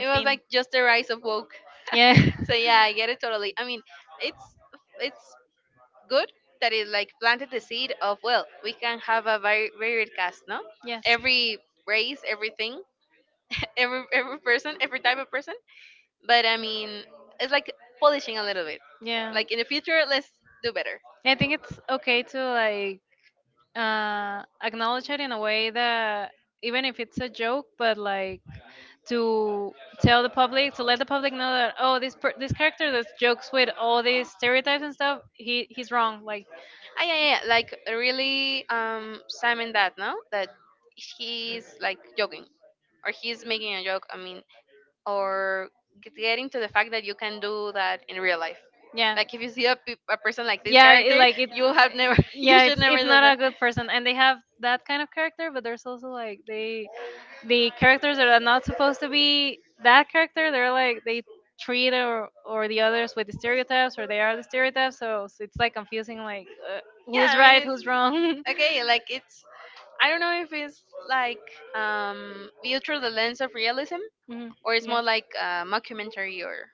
[SPEAKER 1] It was like just the rise of woke.
[SPEAKER 2] Yeah,
[SPEAKER 1] So yeah, I get it totally. I mean, it's it's good that it, like, planted the seed of, well, we can have a very varied cast, no?
[SPEAKER 2] yes.
[SPEAKER 1] Every race, everything, every every person, every type of person. But I mean, it's like polishing a little bit.
[SPEAKER 2] Yeah.
[SPEAKER 1] Like in the future, let's do better.
[SPEAKER 2] I think it's okay to like uh, acknowledge it in a way that even if it's a joke, but like to tell the public, to let the public know that oh, this per- this character that jokes with all these stereotypes and stuff, he he's wrong. Like
[SPEAKER 1] Ah, yeah, yeah, yeah, like really um Simon, that, no, that he's, like, joking, or he's making a joke. I mean, or get- getting to the fact that you can do that in real life.
[SPEAKER 2] yeah,
[SPEAKER 1] Like, if you see a, pe- a person like this
[SPEAKER 2] yeah, it,
[SPEAKER 1] character,
[SPEAKER 2] like it,
[SPEAKER 1] you will have never, you
[SPEAKER 2] yeah,
[SPEAKER 1] should
[SPEAKER 2] it's
[SPEAKER 1] never
[SPEAKER 2] it's
[SPEAKER 1] do
[SPEAKER 2] not a
[SPEAKER 1] that.
[SPEAKER 2] good person, and they have that kind of character, but there's also like they the characters that are not supposed to be that character, they're like they treat or or the others with the stereotypes, or they are the stereotypes. So, so it's like confusing, like uh, who's
[SPEAKER 1] Yeah, I
[SPEAKER 2] right,
[SPEAKER 1] mean
[SPEAKER 2] who's wrong.
[SPEAKER 1] it's okay. Like, it's, I don't know if it's like, um viewed through the lens of realism,
[SPEAKER 2] Mhm,
[SPEAKER 1] or it's
[SPEAKER 2] yeah.
[SPEAKER 1] more like a mockumentary, or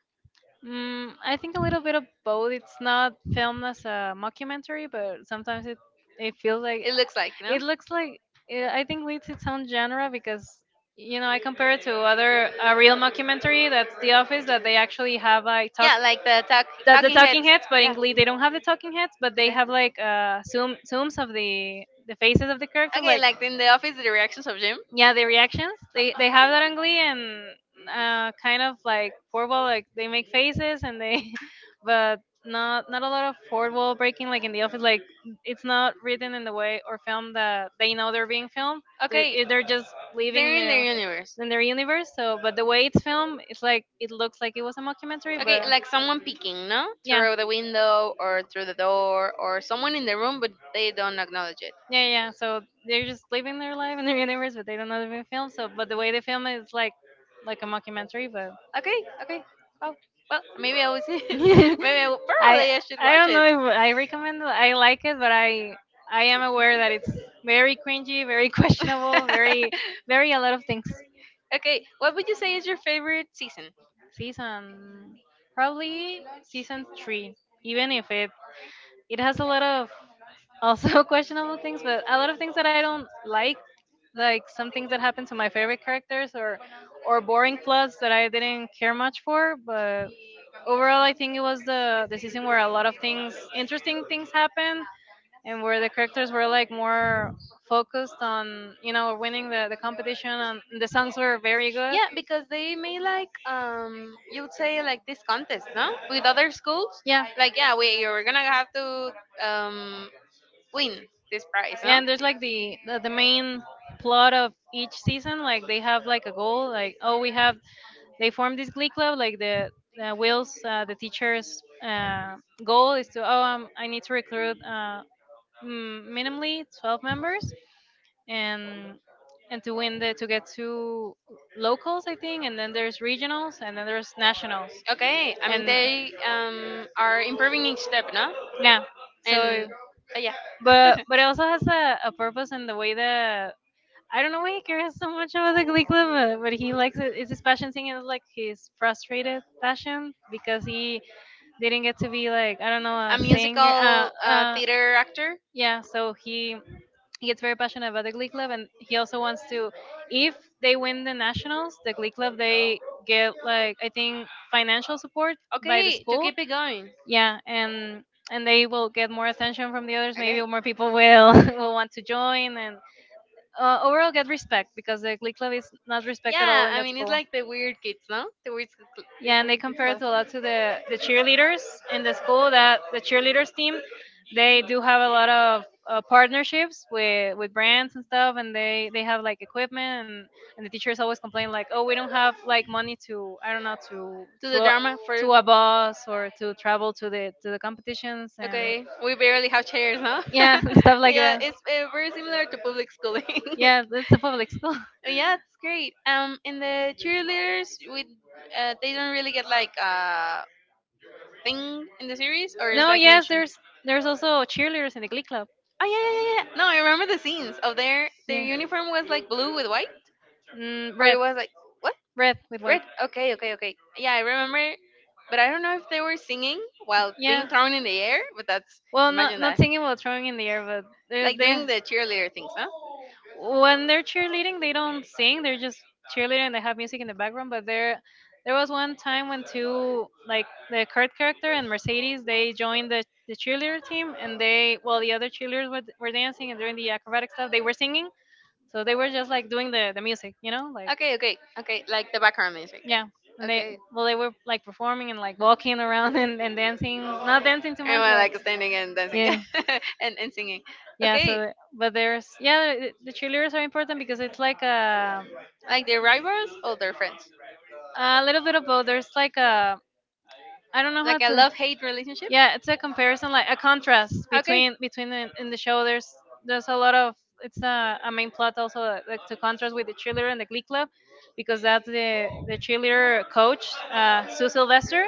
[SPEAKER 2] Mm, I think a little bit of both. It's not filmed as a mockumentary, but sometimes it it feels like
[SPEAKER 1] it looks like, no.
[SPEAKER 2] it looks like it, I think it's its own genre because you know I compare it to other a real mockumentary that's The Office, that they actually have like talk
[SPEAKER 1] Yeah, like the talk, that
[SPEAKER 2] that the
[SPEAKER 1] talking
[SPEAKER 2] talking
[SPEAKER 1] heads.
[SPEAKER 2] heads, but in
[SPEAKER 1] Yeah.
[SPEAKER 2] Glee they don't have the talking heads, but they have
[SPEAKER 1] Okay.
[SPEAKER 2] like uh zoom zooms of the the faces of the characters
[SPEAKER 1] Okay,
[SPEAKER 2] like
[SPEAKER 1] like in the office, the reactions of Jim.
[SPEAKER 2] yeah the reactions they they have that on Glee and uh, kind of like fourth wall, like they make faces and they, but not not a lot of fourth wall breaking like in the office. Like it's not written in the way or filmed that they know they're being filmed. They,
[SPEAKER 1] Okay,
[SPEAKER 2] it- they're just living
[SPEAKER 1] they're in
[SPEAKER 2] their
[SPEAKER 1] universe.
[SPEAKER 2] in their universe. So, but the way it's filmed, it's like it looks like it was a mockumentary,
[SPEAKER 1] Okay,
[SPEAKER 2] but
[SPEAKER 1] like someone peeking, no? Yeah,
[SPEAKER 2] yeah.
[SPEAKER 1] through the window or through the door or someone in the room, but they don't acknowledge it.
[SPEAKER 2] Yeah, yeah. So they're just living their life in their universe, but they don't know they're being filmed. So, but the way they film it is like like a mockumentary, but
[SPEAKER 1] Okay, okay. Oh, well, maybe I will see it. Maybe I will,
[SPEAKER 2] I
[SPEAKER 1] probably I should
[SPEAKER 2] I
[SPEAKER 1] watch
[SPEAKER 2] don't
[SPEAKER 1] it.
[SPEAKER 2] know if I recommend it. I like it, but I I am aware that it's very cringy, very questionable, very very a lot of things.
[SPEAKER 1] Okay, what would your favorite season? And
[SPEAKER 2] Season probably season three, even if it it has a lot of also questionable things, but a lot of things that I don't like, like some things that happen to my favorite characters or or boring plots that I didn't care much for, but overall I think it was the the season where a lot of things interesting things happened and where the characters were like more focused on you know winning the, the competition and the songs were very good,
[SPEAKER 1] because they made like, um you would say like this contest, no? With other schools.
[SPEAKER 2] yeah.
[SPEAKER 1] Yeah. Like, yeah, we you're gonna have to um win this.
[SPEAKER 2] Yeah, and there's like the, the the main plot of each season, like they have like a goal, like oh we have they formed this glee club like the uh, Will's uh, the teacher's uh, goal is to oh um, I need to recruit uh, mm, minimally twelve members and and to win the to get to locals I think, and then there's regionals and then there's nationals,
[SPEAKER 1] Okay, I mean
[SPEAKER 2] and
[SPEAKER 1] they um, are improving each step, no?
[SPEAKER 2] yeah.
[SPEAKER 1] And
[SPEAKER 2] So
[SPEAKER 1] uh, yeah,
[SPEAKER 2] but but it also has a, a purpose in the way that I don't know why he cares so much about the glee club, uh, but he likes it, it's his passion thing, it's like his frustrated passion because he didn't get to be like I don't know a singer uh uh
[SPEAKER 1] actor.
[SPEAKER 2] yeah so he he gets very passionate about the glee club and he also wants to if they win the nationals the glee club they get like I think financial support by the
[SPEAKER 1] Okay,
[SPEAKER 2] school,
[SPEAKER 1] keep it going.
[SPEAKER 2] yeah. and and they will get more attention from the others, maybe more people will will want to join and
[SPEAKER 1] like,
[SPEAKER 2] uh, overall get respect because the Glee Club is not respected at all in that school.
[SPEAKER 1] like the weird kids, no? The weird, kids-
[SPEAKER 2] Yeah, and they
[SPEAKER 1] the
[SPEAKER 2] compare it a lot to the, the cheerleaders in the school. That the cheerleaders team, they do have a lot of uh, partnerships with with brands and stuff, and they they have like equipment, and, and the teachers always complain like, oh, we don't have like money to I don't know to to a, to a bus or to travel to the to the competitions and
[SPEAKER 1] Okay, we barely have chairs, huh?
[SPEAKER 2] yeah stuff like
[SPEAKER 1] Yeah,
[SPEAKER 2] that.
[SPEAKER 1] it's, uh, very similar to public schooling.
[SPEAKER 2] Yeah, it's a public school.
[SPEAKER 1] Yeah, it's great. Um, in the cheerleaders, we uh, they don't really get, like, a thing in the series, or is
[SPEAKER 2] No,
[SPEAKER 1] like
[SPEAKER 2] yes,
[SPEAKER 1] mentioned.
[SPEAKER 2] there's there's also cheerleaders in the Glee Club.
[SPEAKER 1] Oh yeah, yeah, yeah, yeah. No, I remember the scenes of their their
[SPEAKER 2] Yeah.
[SPEAKER 1] uniform was like blue with white,
[SPEAKER 2] Mm,
[SPEAKER 1] or it
[SPEAKER 2] red,
[SPEAKER 1] was like, what,
[SPEAKER 2] red with
[SPEAKER 1] red?
[SPEAKER 2] white.
[SPEAKER 1] Okay, okay, okay. Yeah, I remember, but I don't know if they were singing while being
[SPEAKER 2] Yeah.
[SPEAKER 1] thrown in the air. But that's
[SPEAKER 2] Well, not
[SPEAKER 1] imagine
[SPEAKER 2] not
[SPEAKER 1] that,
[SPEAKER 2] singing while throwing in the air, but they
[SPEAKER 1] like
[SPEAKER 2] they
[SPEAKER 1] doing the cheerleader things, huh?
[SPEAKER 2] when they're cheerleading, they don't sing. They're just cheerleading and they have music in the background. But there, there was one time when two, like the Kurt character and Mercedes, they joined the, the cheerleader team, and they, well, the other cheerleaders were, were dancing and doing the acrobatic stuff. They were singing, so they were just like doing the the music, you know, like
[SPEAKER 1] Okay, okay, okay. Like the background music.
[SPEAKER 2] yeah. And they,
[SPEAKER 1] Okay.
[SPEAKER 2] well, they were like performing and like walking around and, and dancing, not dancing too much,
[SPEAKER 1] Everyone
[SPEAKER 2] but
[SPEAKER 1] like standing and dancing
[SPEAKER 2] yeah,
[SPEAKER 1] and, and singing. Yeah,
[SPEAKER 2] yeah.
[SPEAKER 1] okay.
[SPEAKER 2] So, but there's, yeah, the, the cheerleaders are important because it's like a
[SPEAKER 1] Like their rivals or their friends?
[SPEAKER 2] A little bit of both. There's like a I don't know how
[SPEAKER 1] Like a
[SPEAKER 2] to.
[SPEAKER 1] love hate relationship?
[SPEAKER 2] Yeah, it's a comparison, like a contrast
[SPEAKER 1] Okay.
[SPEAKER 2] between between the, in the show. There's there's a lot of it's a, a main plot also uh, like to contrast with the cheerleader and the Glee Club, because that's the the cheerleader coach, uh, Sue Sylvester.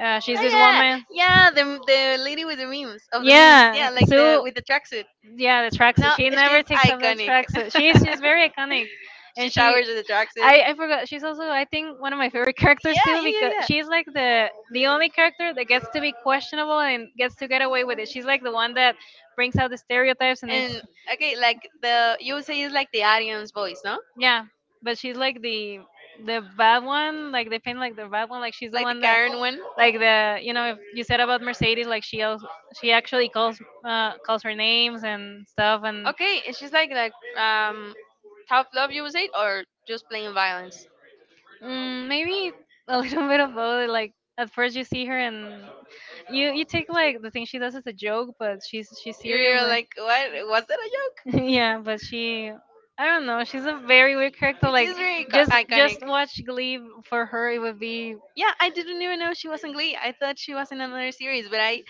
[SPEAKER 2] Uh, she's
[SPEAKER 1] Oh
[SPEAKER 2] this
[SPEAKER 1] yeah,
[SPEAKER 2] woman.
[SPEAKER 1] yeah. The the lady with the memes of the memes. Yeah, yeah,
[SPEAKER 2] Yeah,
[SPEAKER 1] like the so-
[SPEAKER 2] Sue.
[SPEAKER 1] with the tracksuit.
[SPEAKER 2] Yeah the tracksuit,
[SPEAKER 1] No,
[SPEAKER 2] she
[SPEAKER 1] she's
[SPEAKER 2] never takes off that
[SPEAKER 1] iconic.
[SPEAKER 2] tracksuit, she's she's very iconic and she
[SPEAKER 1] Showers with the tracksuit.
[SPEAKER 2] I, I forgot she's also I think one of my favorite characters
[SPEAKER 1] Yeah,
[SPEAKER 2] too,
[SPEAKER 1] yeah, yeah,
[SPEAKER 2] because
[SPEAKER 1] yeah.
[SPEAKER 2] she's like the the only character that gets to be questionable and gets to get away with it, she's like the one that brings out the stereotypes and it's
[SPEAKER 1] Okay, like, the you would say it's like the Arians voice, no?
[SPEAKER 2] yeah but she's like the the bad one like they paint like the bad one like she's the one that
[SPEAKER 1] One.
[SPEAKER 2] like the you know if you said about Mercedes like she also, she actually calls uh calls her names and stuff and
[SPEAKER 1] Okay, and she's like like um tough love, you would say, or just plain violence.
[SPEAKER 2] mm, maybe a little bit of both. Like at first you see her and you you take like the thing she does as a joke, but she's she's serious.
[SPEAKER 1] You're
[SPEAKER 2] Like
[SPEAKER 1] like, what? Was that a joke?
[SPEAKER 2] yeah, but she I don't know. She's a very weird character. Like just just watch Glee for her. It would be
[SPEAKER 1] Yeah, I didn't even know she was in Glee. I thought she was in another series, but I,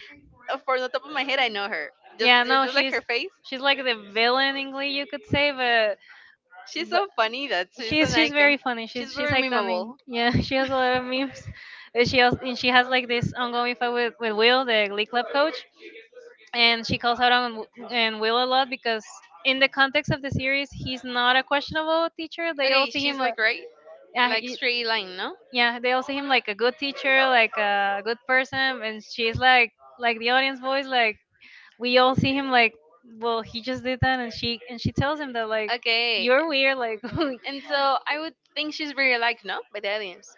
[SPEAKER 1] uh, for the top of my head, I know her. Just,
[SPEAKER 2] yeah.
[SPEAKER 1] just
[SPEAKER 2] No,
[SPEAKER 1] just like
[SPEAKER 2] she's
[SPEAKER 1] her face.
[SPEAKER 2] she's like the villain in Glee, you could say, but.
[SPEAKER 1] She's so funny that she's
[SPEAKER 2] she's
[SPEAKER 1] an
[SPEAKER 2] she's very
[SPEAKER 1] icon.
[SPEAKER 2] funny.
[SPEAKER 1] She's
[SPEAKER 2] She's she's
[SPEAKER 1] very
[SPEAKER 2] iconic.
[SPEAKER 1] memeable.
[SPEAKER 2] Yeah, she has a lot of memes. And she also, and she has like this ongoing fight with, with Will, the Glee Club coach, and she calls out on Wi- and Will a lot because in the context of the series, he's not a questionable teacher. They all
[SPEAKER 1] Okay,
[SPEAKER 2] see
[SPEAKER 1] she's
[SPEAKER 2] him. a-
[SPEAKER 1] like right,
[SPEAKER 2] Yeah,
[SPEAKER 1] like
[SPEAKER 2] he-
[SPEAKER 1] straight line, no?
[SPEAKER 2] yeah, they all see him like a good teacher, like a good person, and she's like like the audience voice, like we all see him like well he just did that and she and she tells him that like
[SPEAKER 1] Okay. You're
[SPEAKER 2] you're
[SPEAKER 1] weird,
[SPEAKER 2] weird like
[SPEAKER 1] like. And so I would think she's very liked, no, by the aliens.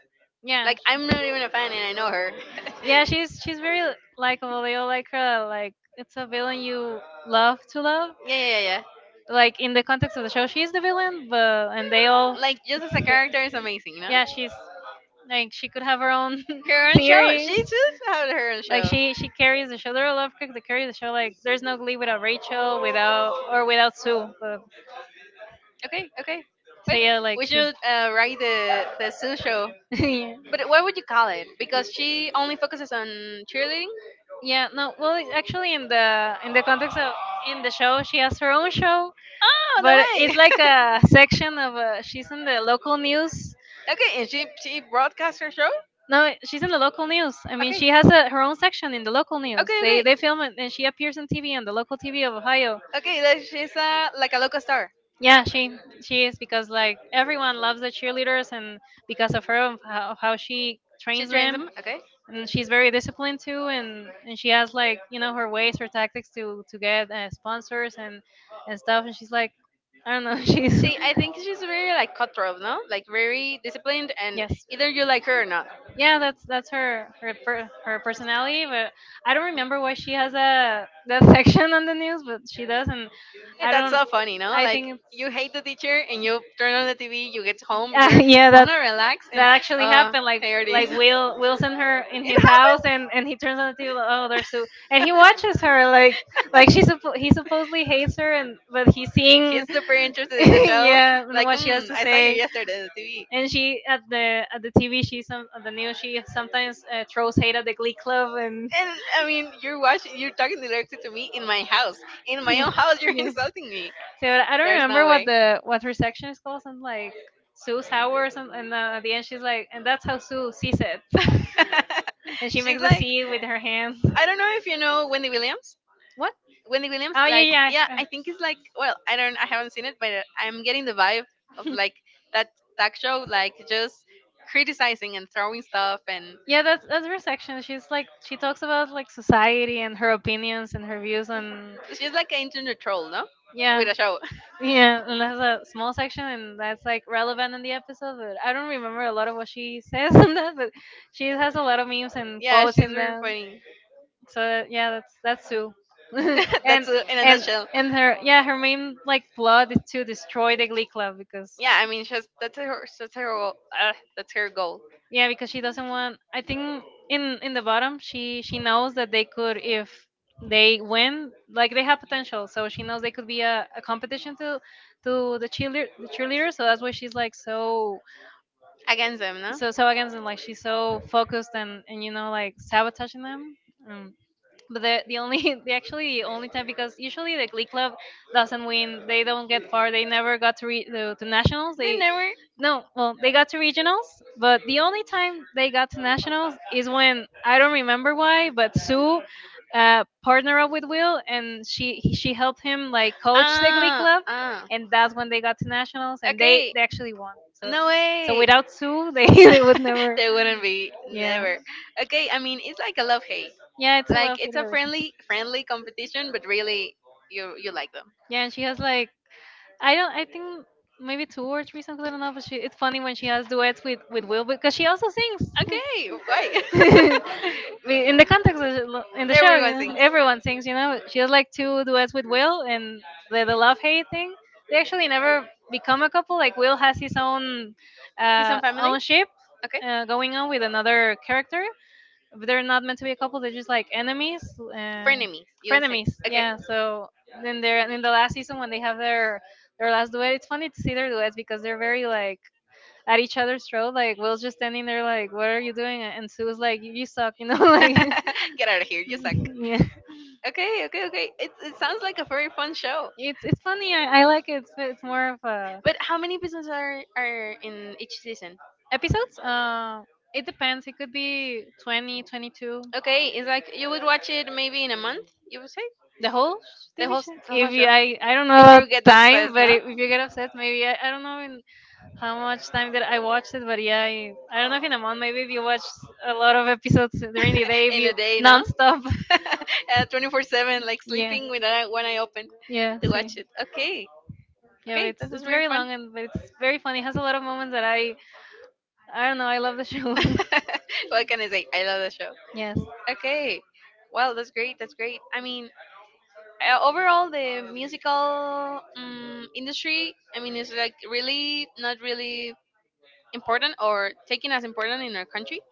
[SPEAKER 1] Yeah.
[SPEAKER 2] Yeah.
[SPEAKER 1] Like, I'm not even a fan, and I know her. Yeah,
[SPEAKER 2] Yeah,
[SPEAKER 1] she's
[SPEAKER 2] she's she's
[SPEAKER 1] very.
[SPEAKER 2] very likable. They all like her. Like it's a villain you love to love.
[SPEAKER 1] Yeah, yeah. Yeah. Yeah.
[SPEAKER 2] Like in the context of the show, she's the villain, but and they all.
[SPEAKER 1] Like, just as a character is amazing, no?
[SPEAKER 2] Yeah,
[SPEAKER 1] Yeah, she's
[SPEAKER 2] she's like she could
[SPEAKER 1] like,
[SPEAKER 2] have
[SPEAKER 1] have
[SPEAKER 2] her
[SPEAKER 1] her own,
[SPEAKER 2] own
[SPEAKER 1] her own show. She
[SPEAKER 2] series.
[SPEAKER 1] just had her own
[SPEAKER 2] Like
[SPEAKER 1] show. She
[SPEAKER 2] she she
[SPEAKER 1] she carries,
[SPEAKER 2] carries the show. They're all love cook that carry the show. Like there's no Glee
[SPEAKER 1] without without
[SPEAKER 2] without
[SPEAKER 1] Rachel,
[SPEAKER 2] Rachel,
[SPEAKER 1] without
[SPEAKER 2] without
[SPEAKER 1] or
[SPEAKER 2] or
[SPEAKER 1] without
[SPEAKER 2] without Sue. But
[SPEAKER 1] Sue. Okay, okay.
[SPEAKER 2] so
[SPEAKER 1] But yeah,
[SPEAKER 2] yeah,
[SPEAKER 1] like,
[SPEAKER 2] like
[SPEAKER 1] we
[SPEAKER 2] she.
[SPEAKER 1] should uh, write the the Sue show.
[SPEAKER 2] yeah.
[SPEAKER 1] But what would you call it? Because she only focuses on cheerleading.
[SPEAKER 2] Yeah, no. Well, it's actually, in the in the context of in the show, she has her own show,
[SPEAKER 1] Oh, no
[SPEAKER 2] but
[SPEAKER 1] way.
[SPEAKER 2] it's like
[SPEAKER 1] She's...
[SPEAKER 2] a section of uh, she's in the local news.
[SPEAKER 1] okay, and she she broadcasts her show.
[SPEAKER 2] No, she's in the local news. I mean,
[SPEAKER 1] Okay,
[SPEAKER 2] she has a, her own section in the local news.
[SPEAKER 1] okay,
[SPEAKER 2] They
[SPEAKER 1] okay,
[SPEAKER 2] they film it, and she appears on T V on the local T V of Ohio.
[SPEAKER 1] okay. That she's, uh, like, a local star.
[SPEAKER 2] Yeah, she she is because like everyone loves the cheerleaders, and because of her of how, of how she
[SPEAKER 1] She
[SPEAKER 2] trains
[SPEAKER 1] trains
[SPEAKER 2] them,
[SPEAKER 1] them. Okay.
[SPEAKER 2] and she's very disciplined too and and she has like you know her ways her tactics to to get uh, sponsors and and stuff and she's like I don't know she's
[SPEAKER 1] She, I think she's very like cutthroat, no? Like very disciplined, and
[SPEAKER 2] yes
[SPEAKER 1] either you like her or not.
[SPEAKER 2] yeah that's that's her her per, her personality but I don't remember why she has a that section on the news but she does and
[SPEAKER 1] Eh,
[SPEAKER 2] I
[SPEAKER 1] That's
[SPEAKER 2] don't
[SPEAKER 1] so funny, no?
[SPEAKER 2] I
[SPEAKER 1] Like
[SPEAKER 2] think it's
[SPEAKER 1] you hate the teacher and you turn on the T V, you get home,
[SPEAKER 2] yeah
[SPEAKER 1] you
[SPEAKER 2] yeah that
[SPEAKER 1] wanna relax, and
[SPEAKER 2] that actually
[SPEAKER 1] uh
[SPEAKER 2] happened. Like
[SPEAKER 1] there it is.
[SPEAKER 2] like Will Will's in her in his house, and and he turns on the T V. Like, oh, there's Sue, and
[SPEAKER 1] It
[SPEAKER 2] he watches
[SPEAKER 1] happens.
[SPEAKER 2] her like like she suppo- he supposedly hates her, and but he's seeing
[SPEAKER 1] He's super interested in the show.
[SPEAKER 2] yeah and
[SPEAKER 1] Like,
[SPEAKER 2] what she has
[SPEAKER 1] mm,
[SPEAKER 2] to
[SPEAKER 1] I saw you
[SPEAKER 2] say.
[SPEAKER 1] yesterday on the
[SPEAKER 2] And
[SPEAKER 1] T V.
[SPEAKER 2] she at the at the T V she some at the news she sometimes uh, throws hate at the Glee Club and.
[SPEAKER 1] And I mean, you're watching, you're talking directly to me in my house, in my
[SPEAKER 2] yeah.
[SPEAKER 1] own house. You're
[SPEAKER 2] yeah.
[SPEAKER 1] insulting me.
[SPEAKER 2] So I don't
[SPEAKER 1] There's no
[SPEAKER 2] remember what
[SPEAKER 1] way.
[SPEAKER 2] the what her section is called. Something like Sue's hour or something. And uh, at the end, she's like, and that's how Sue sees it.
[SPEAKER 1] She's
[SPEAKER 2] And she makes a
[SPEAKER 1] like,
[SPEAKER 2] C with her hands.
[SPEAKER 1] I don't know if you know Wendy Williams.
[SPEAKER 2] What?
[SPEAKER 1] Wendy Williams,
[SPEAKER 2] Oh
[SPEAKER 1] yeah,
[SPEAKER 2] yeah,
[SPEAKER 1] like, yeah,
[SPEAKER 2] yeah.
[SPEAKER 1] I think it's like, well, I don't, I haven't seen it, but uh, I'm getting the vibe of
[SPEAKER 2] uh,
[SPEAKER 1] like that talk show, like just criticizing and throwing stuff, and
[SPEAKER 2] Yeah, that's that's her section. She's like she talks about like society and her opinions and her views on
[SPEAKER 1] she's like an internet troll, no?
[SPEAKER 2] yeah.
[SPEAKER 1] With a show.
[SPEAKER 2] Yeah, and that's a small section, and that's like relevant in the episode. But I don't remember a lot of what she says in that, but she has a lot of memes and
[SPEAKER 1] Yeah,
[SPEAKER 2] quotes
[SPEAKER 1] she's
[SPEAKER 2] in
[SPEAKER 1] very
[SPEAKER 2] them.
[SPEAKER 1] funny.
[SPEAKER 2] So yeah, that's that's Sue. and
[SPEAKER 1] that's a, in a
[SPEAKER 2] and
[SPEAKER 1] nutshell.
[SPEAKER 2] and her yeah her main like plot is to destroy the Glee Club because
[SPEAKER 1] Yeah, I mean, she's that's her, that's her, uh, that's her goal
[SPEAKER 2] yeah, because she doesn't want. I think in in the bottom, she she knows that they could if they win, like they have potential. So she knows they could be a, a competition to to the cheerleader the cheerleader. So that's why she's like so
[SPEAKER 1] against them, no?
[SPEAKER 2] so so against them. Like she's so focused and and you know like sabotaging them. Um, but the the only the actually the only time because usually the Glee Club doesn't win. They don't get far. They never got to re, to, to nationals.
[SPEAKER 1] They
[SPEAKER 2] They
[SPEAKER 1] never.
[SPEAKER 2] no, well, they got to regionals, but the only time they got to nationals is when I don't remember why, but Sue uh, partnered up with Will, and she he- she helped him like coach the Glee
[SPEAKER 1] Ah,
[SPEAKER 2] Club,
[SPEAKER 1] ah.
[SPEAKER 2] and that's when they got to nationals, and they
[SPEAKER 1] Okay.
[SPEAKER 2] they actually won. So
[SPEAKER 1] No
[SPEAKER 2] so
[SPEAKER 1] way.
[SPEAKER 2] without Sue, they they would never.
[SPEAKER 1] There wouldn't be,
[SPEAKER 2] Yeah,
[SPEAKER 1] never. Okay, I mean it's like a love hate.
[SPEAKER 2] yeah, it's a
[SPEAKER 1] Like
[SPEAKER 2] love
[SPEAKER 1] it's
[SPEAKER 2] hate
[SPEAKER 1] a
[SPEAKER 2] relationship.
[SPEAKER 1] friendly friendly competition, but really you you like them.
[SPEAKER 2] Yeah, and she has like I don't I think maybe two or three songs I don't know, but she it's funny when she has duets with with Will because she also sings.
[SPEAKER 1] Okay, why?
[SPEAKER 2] I in the context of the- in the show, you
[SPEAKER 1] Everyone
[SPEAKER 2] know,
[SPEAKER 1] sings.
[SPEAKER 2] everyone sings. You know, she has like two duets with Will, and the the love hate thing. They actually never become a couple. Like Will has his own
[SPEAKER 1] He's
[SPEAKER 2] uh,
[SPEAKER 1] on family.
[SPEAKER 2] own ship
[SPEAKER 1] Okay.
[SPEAKER 2] uh, going on with another character, but they're not meant to be a couple. They're just like enemies, uh,
[SPEAKER 1] Frenemies, you would say.
[SPEAKER 2] frenemies.
[SPEAKER 1] Okay.
[SPEAKER 2] Yeah. So then they're in the last season when they have their their last duet. It's funny to see their duets because they're very like at each other's throat. Like Will's just standing there, like, "What are you doing?" And Sue's like, "You you suck," you know.
[SPEAKER 1] Get out of here. You suck.
[SPEAKER 2] Like, yeah,
[SPEAKER 1] Okay, okay, okay. It, it sounds like a very fun show.
[SPEAKER 2] it's it's funny. I, I like it. It's, it's more of a
[SPEAKER 1] But how many episodes are are in each season?
[SPEAKER 2] episodes. Uh, it depends. It could be twenty, twenty-two.
[SPEAKER 1] Okay, it's like you would watch it maybe in a month. You would say
[SPEAKER 2] The whole
[SPEAKER 1] the whole s-
[SPEAKER 2] division.
[SPEAKER 1] the whole
[SPEAKER 2] If you,
[SPEAKER 1] show.
[SPEAKER 2] I I don't know about
[SPEAKER 1] You get
[SPEAKER 2] time,
[SPEAKER 1] obsessed,
[SPEAKER 2] but
[SPEAKER 1] no?
[SPEAKER 2] if if you get upset, maybe I, I don't know in how much time that I watched it, but yeah, I, I don't know if in a month. Maybe if you watch a lot of episodes during the day, if
[SPEAKER 1] In a
[SPEAKER 2] you
[SPEAKER 1] day, no?
[SPEAKER 2] nonstop.
[SPEAKER 1] uh, twenty-four seven, like
[SPEAKER 2] Yeah,
[SPEAKER 1] sleeping with an one eye open
[SPEAKER 2] yeah.
[SPEAKER 1] to
[SPEAKER 2] See.
[SPEAKER 1] watch it. Okay,
[SPEAKER 2] Yeah,
[SPEAKER 1] okay, this
[SPEAKER 2] it's
[SPEAKER 1] is
[SPEAKER 2] it's
[SPEAKER 1] very
[SPEAKER 2] very
[SPEAKER 1] fun.
[SPEAKER 2] long and but it's very funny. It has a lot of moments that I I don't know. I love the show.
[SPEAKER 1] What can I say? I love the show.
[SPEAKER 2] yes.
[SPEAKER 1] Okay. Well, that's great. That's great. I mean, uh, overall, the musical, um, industry, I mean, is like really not really important or taken as important in our country.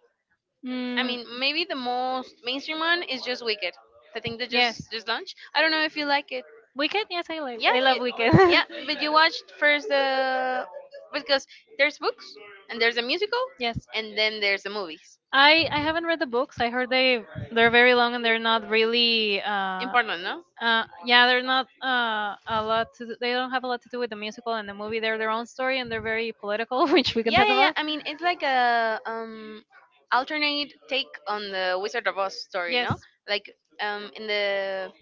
[SPEAKER 1] I
[SPEAKER 2] Mm,
[SPEAKER 1] mean, maybe the most mainstream one is just Wicked. The thing that
[SPEAKER 2] yes.
[SPEAKER 1] just just launched. I don't know if you like it.
[SPEAKER 2] Wicked. Yes, I like.
[SPEAKER 1] Yeah,
[SPEAKER 2] I love
[SPEAKER 1] you,
[SPEAKER 2] Wicked.
[SPEAKER 1] yeah, but you watched first the because there's books and there's a musical
[SPEAKER 2] yes.
[SPEAKER 1] and then there's the movies.
[SPEAKER 2] I I haven't read the books. I heard they they're very long and they're not really uh
[SPEAKER 1] Important, no?
[SPEAKER 2] uh yeah they're not uh a lot to do, they don't have a lot to do with the musical and the movie. They're their own story and they're very political, which we can
[SPEAKER 1] Yeah,
[SPEAKER 2] talk
[SPEAKER 1] yeah, yeah.
[SPEAKER 2] about.
[SPEAKER 1] I mean, it's like a um alternate take on the Wizard of Oz story, no?
[SPEAKER 2] Yes.
[SPEAKER 1] Like um in the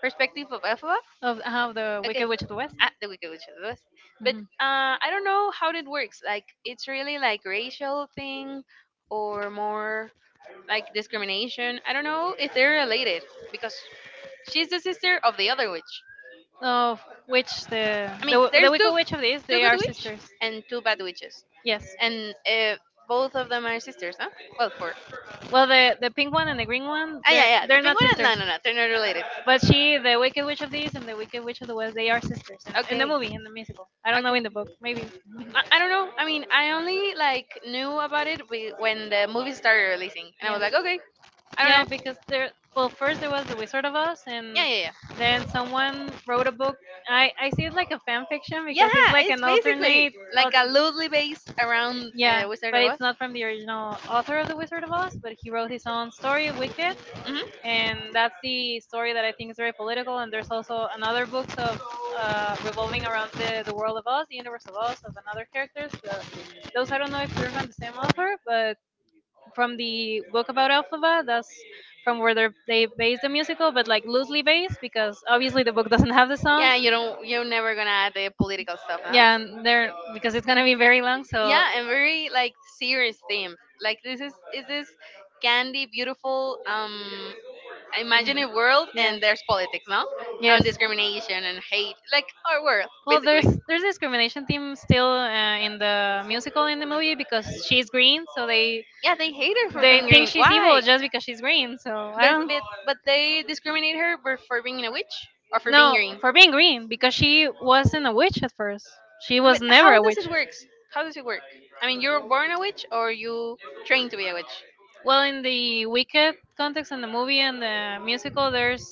[SPEAKER 1] perspective of Elphaba.
[SPEAKER 2] Of how the
[SPEAKER 1] Okay.
[SPEAKER 2] Wicked Witch of the West.
[SPEAKER 1] Ah, the Wicked Witch of the West. But
[SPEAKER 2] Mhm.
[SPEAKER 1] uh, I don't know how it works. Like it's really like racial thing or more like discrimination. I don't know if they're related because she's the sister of the other witch.
[SPEAKER 2] Of which the
[SPEAKER 1] I mean,
[SPEAKER 2] the
[SPEAKER 1] there's
[SPEAKER 2] the
[SPEAKER 1] two
[SPEAKER 2] Wicked Witch of the East,
[SPEAKER 1] two
[SPEAKER 2] they
[SPEAKER 1] good
[SPEAKER 2] are
[SPEAKER 1] witch
[SPEAKER 2] sisters.
[SPEAKER 1] and two bad witches,
[SPEAKER 2] Yes.
[SPEAKER 1] and uh, both of them are sisters, huh? Well, four.
[SPEAKER 2] Well, the the pink one and the green one,
[SPEAKER 1] Ah, yeah,
[SPEAKER 2] they're
[SPEAKER 1] yeah. The
[SPEAKER 2] they're not
[SPEAKER 1] penguin. and- No,
[SPEAKER 2] sisters.
[SPEAKER 1] related. No, no. They're not related.
[SPEAKER 2] But she, the Wicked Witch of the East and the Wicked Witch of the West, they are sisters in, in the
[SPEAKER 1] Okay.
[SPEAKER 2] movie, in the musical. I don't know
[SPEAKER 1] Okay.
[SPEAKER 2] in the book, maybe.
[SPEAKER 1] I, I don't know. I mean, I only like knew about it wi- when the movie started releasing, and I
[SPEAKER 2] Yeah.
[SPEAKER 1] was like, okay, I don't
[SPEAKER 2] Yeah,
[SPEAKER 1] know.
[SPEAKER 2] because there. Well, first there was the Wizard of Oz,
[SPEAKER 1] Yeah,
[SPEAKER 2] and
[SPEAKER 1] yeah, yeah.
[SPEAKER 2] then someone wrote a book. I I see it like a fan fiction because it's
[SPEAKER 1] Yeah,
[SPEAKER 2] like an
[SPEAKER 1] basically
[SPEAKER 2] alternate.
[SPEAKER 1] like
[SPEAKER 2] au-
[SPEAKER 1] a loosely based around
[SPEAKER 2] Yeah,
[SPEAKER 1] uh, Wizard
[SPEAKER 2] but
[SPEAKER 1] of
[SPEAKER 2] it's
[SPEAKER 1] Oz.
[SPEAKER 2] not from the original author of the Wizard of Oz, but he wrote his own story, Wicked,
[SPEAKER 1] Mhm.
[SPEAKER 2] and that's the story that I think is very political. And there's also another books of uh, revolving around the the world of Oz, the universe of Oz, of another characters. The,
[SPEAKER 1] the
[SPEAKER 2] those I don't know if they're from the same author, but from the book about Elphaba. That's from where they're, they based the musical, but like loosely based because obviously the book doesn't have the songs.
[SPEAKER 1] Yeah, you don't. You're never gonna add the political stuff, huh?
[SPEAKER 2] Yeah, and they're because it's gonna be very long. So
[SPEAKER 1] Yeah, and very like serious themes. Like this is is this candy beautiful um
[SPEAKER 2] mhm.
[SPEAKER 1] imaginative world,
[SPEAKER 2] Yeah,
[SPEAKER 1] and there's politics, no? Yeah, and
[SPEAKER 2] yes.
[SPEAKER 1] discrimination and hate, like our world
[SPEAKER 2] Well, there's
[SPEAKER 1] basically.
[SPEAKER 2] there's discrimination theme still uh, in the musical in the movie because she's green, so they
[SPEAKER 1] Yeah, they hate her for
[SPEAKER 2] they
[SPEAKER 1] being
[SPEAKER 2] think
[SPEAKER 1] green.
[SPEAKER 2] she's evil
[SPEAKER 1] Why?
[SPEAKER 2] just because she's green. So I
[SPEAKER 1] But
[SPEAKER 2] don't.
[SPEAKER 1] but but they discriminate her for for being a witch or for being
[SPEAKER 2] No,
[SPEAKER 1] green.
[SPEAKER 2] for being green because she wasn't a witch at first. She was
[SPEAKER 1] But
[SPEAKER 2] never
[SPEAKER 1] how
[SPEAKER 2] a
[SPEAKER 1] does it
[SPEAKER 2] witch.
[SPEAKER 1] work? How does it work? I mean, you're born a witch or you trained to be a witch.
[SPEAKER 2] Well, in the Wicked context in the movie and the musical, there's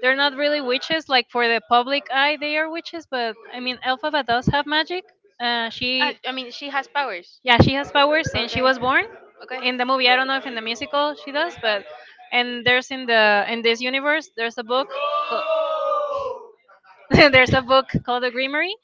[SPEAKER 2] they're not really witches. Like for the public eye, they are witches. But I mean, Elphaba does have magic. Uh,
[SPEAKER 1] I,
[SPEAKER 2] she
[SPEAKER 1] I mean, she has powers.
[SPEAKER 2] yeah, she has powers since she
[SPEAKER 1] Okay.
[SPEAKER 2] was born.
[SPEAKER 1] Okay.
[SPEAKER 2] In the movie, I don't know if in the musical she does, but and there's in the in this universe there's a book. There's a book called The Greenery,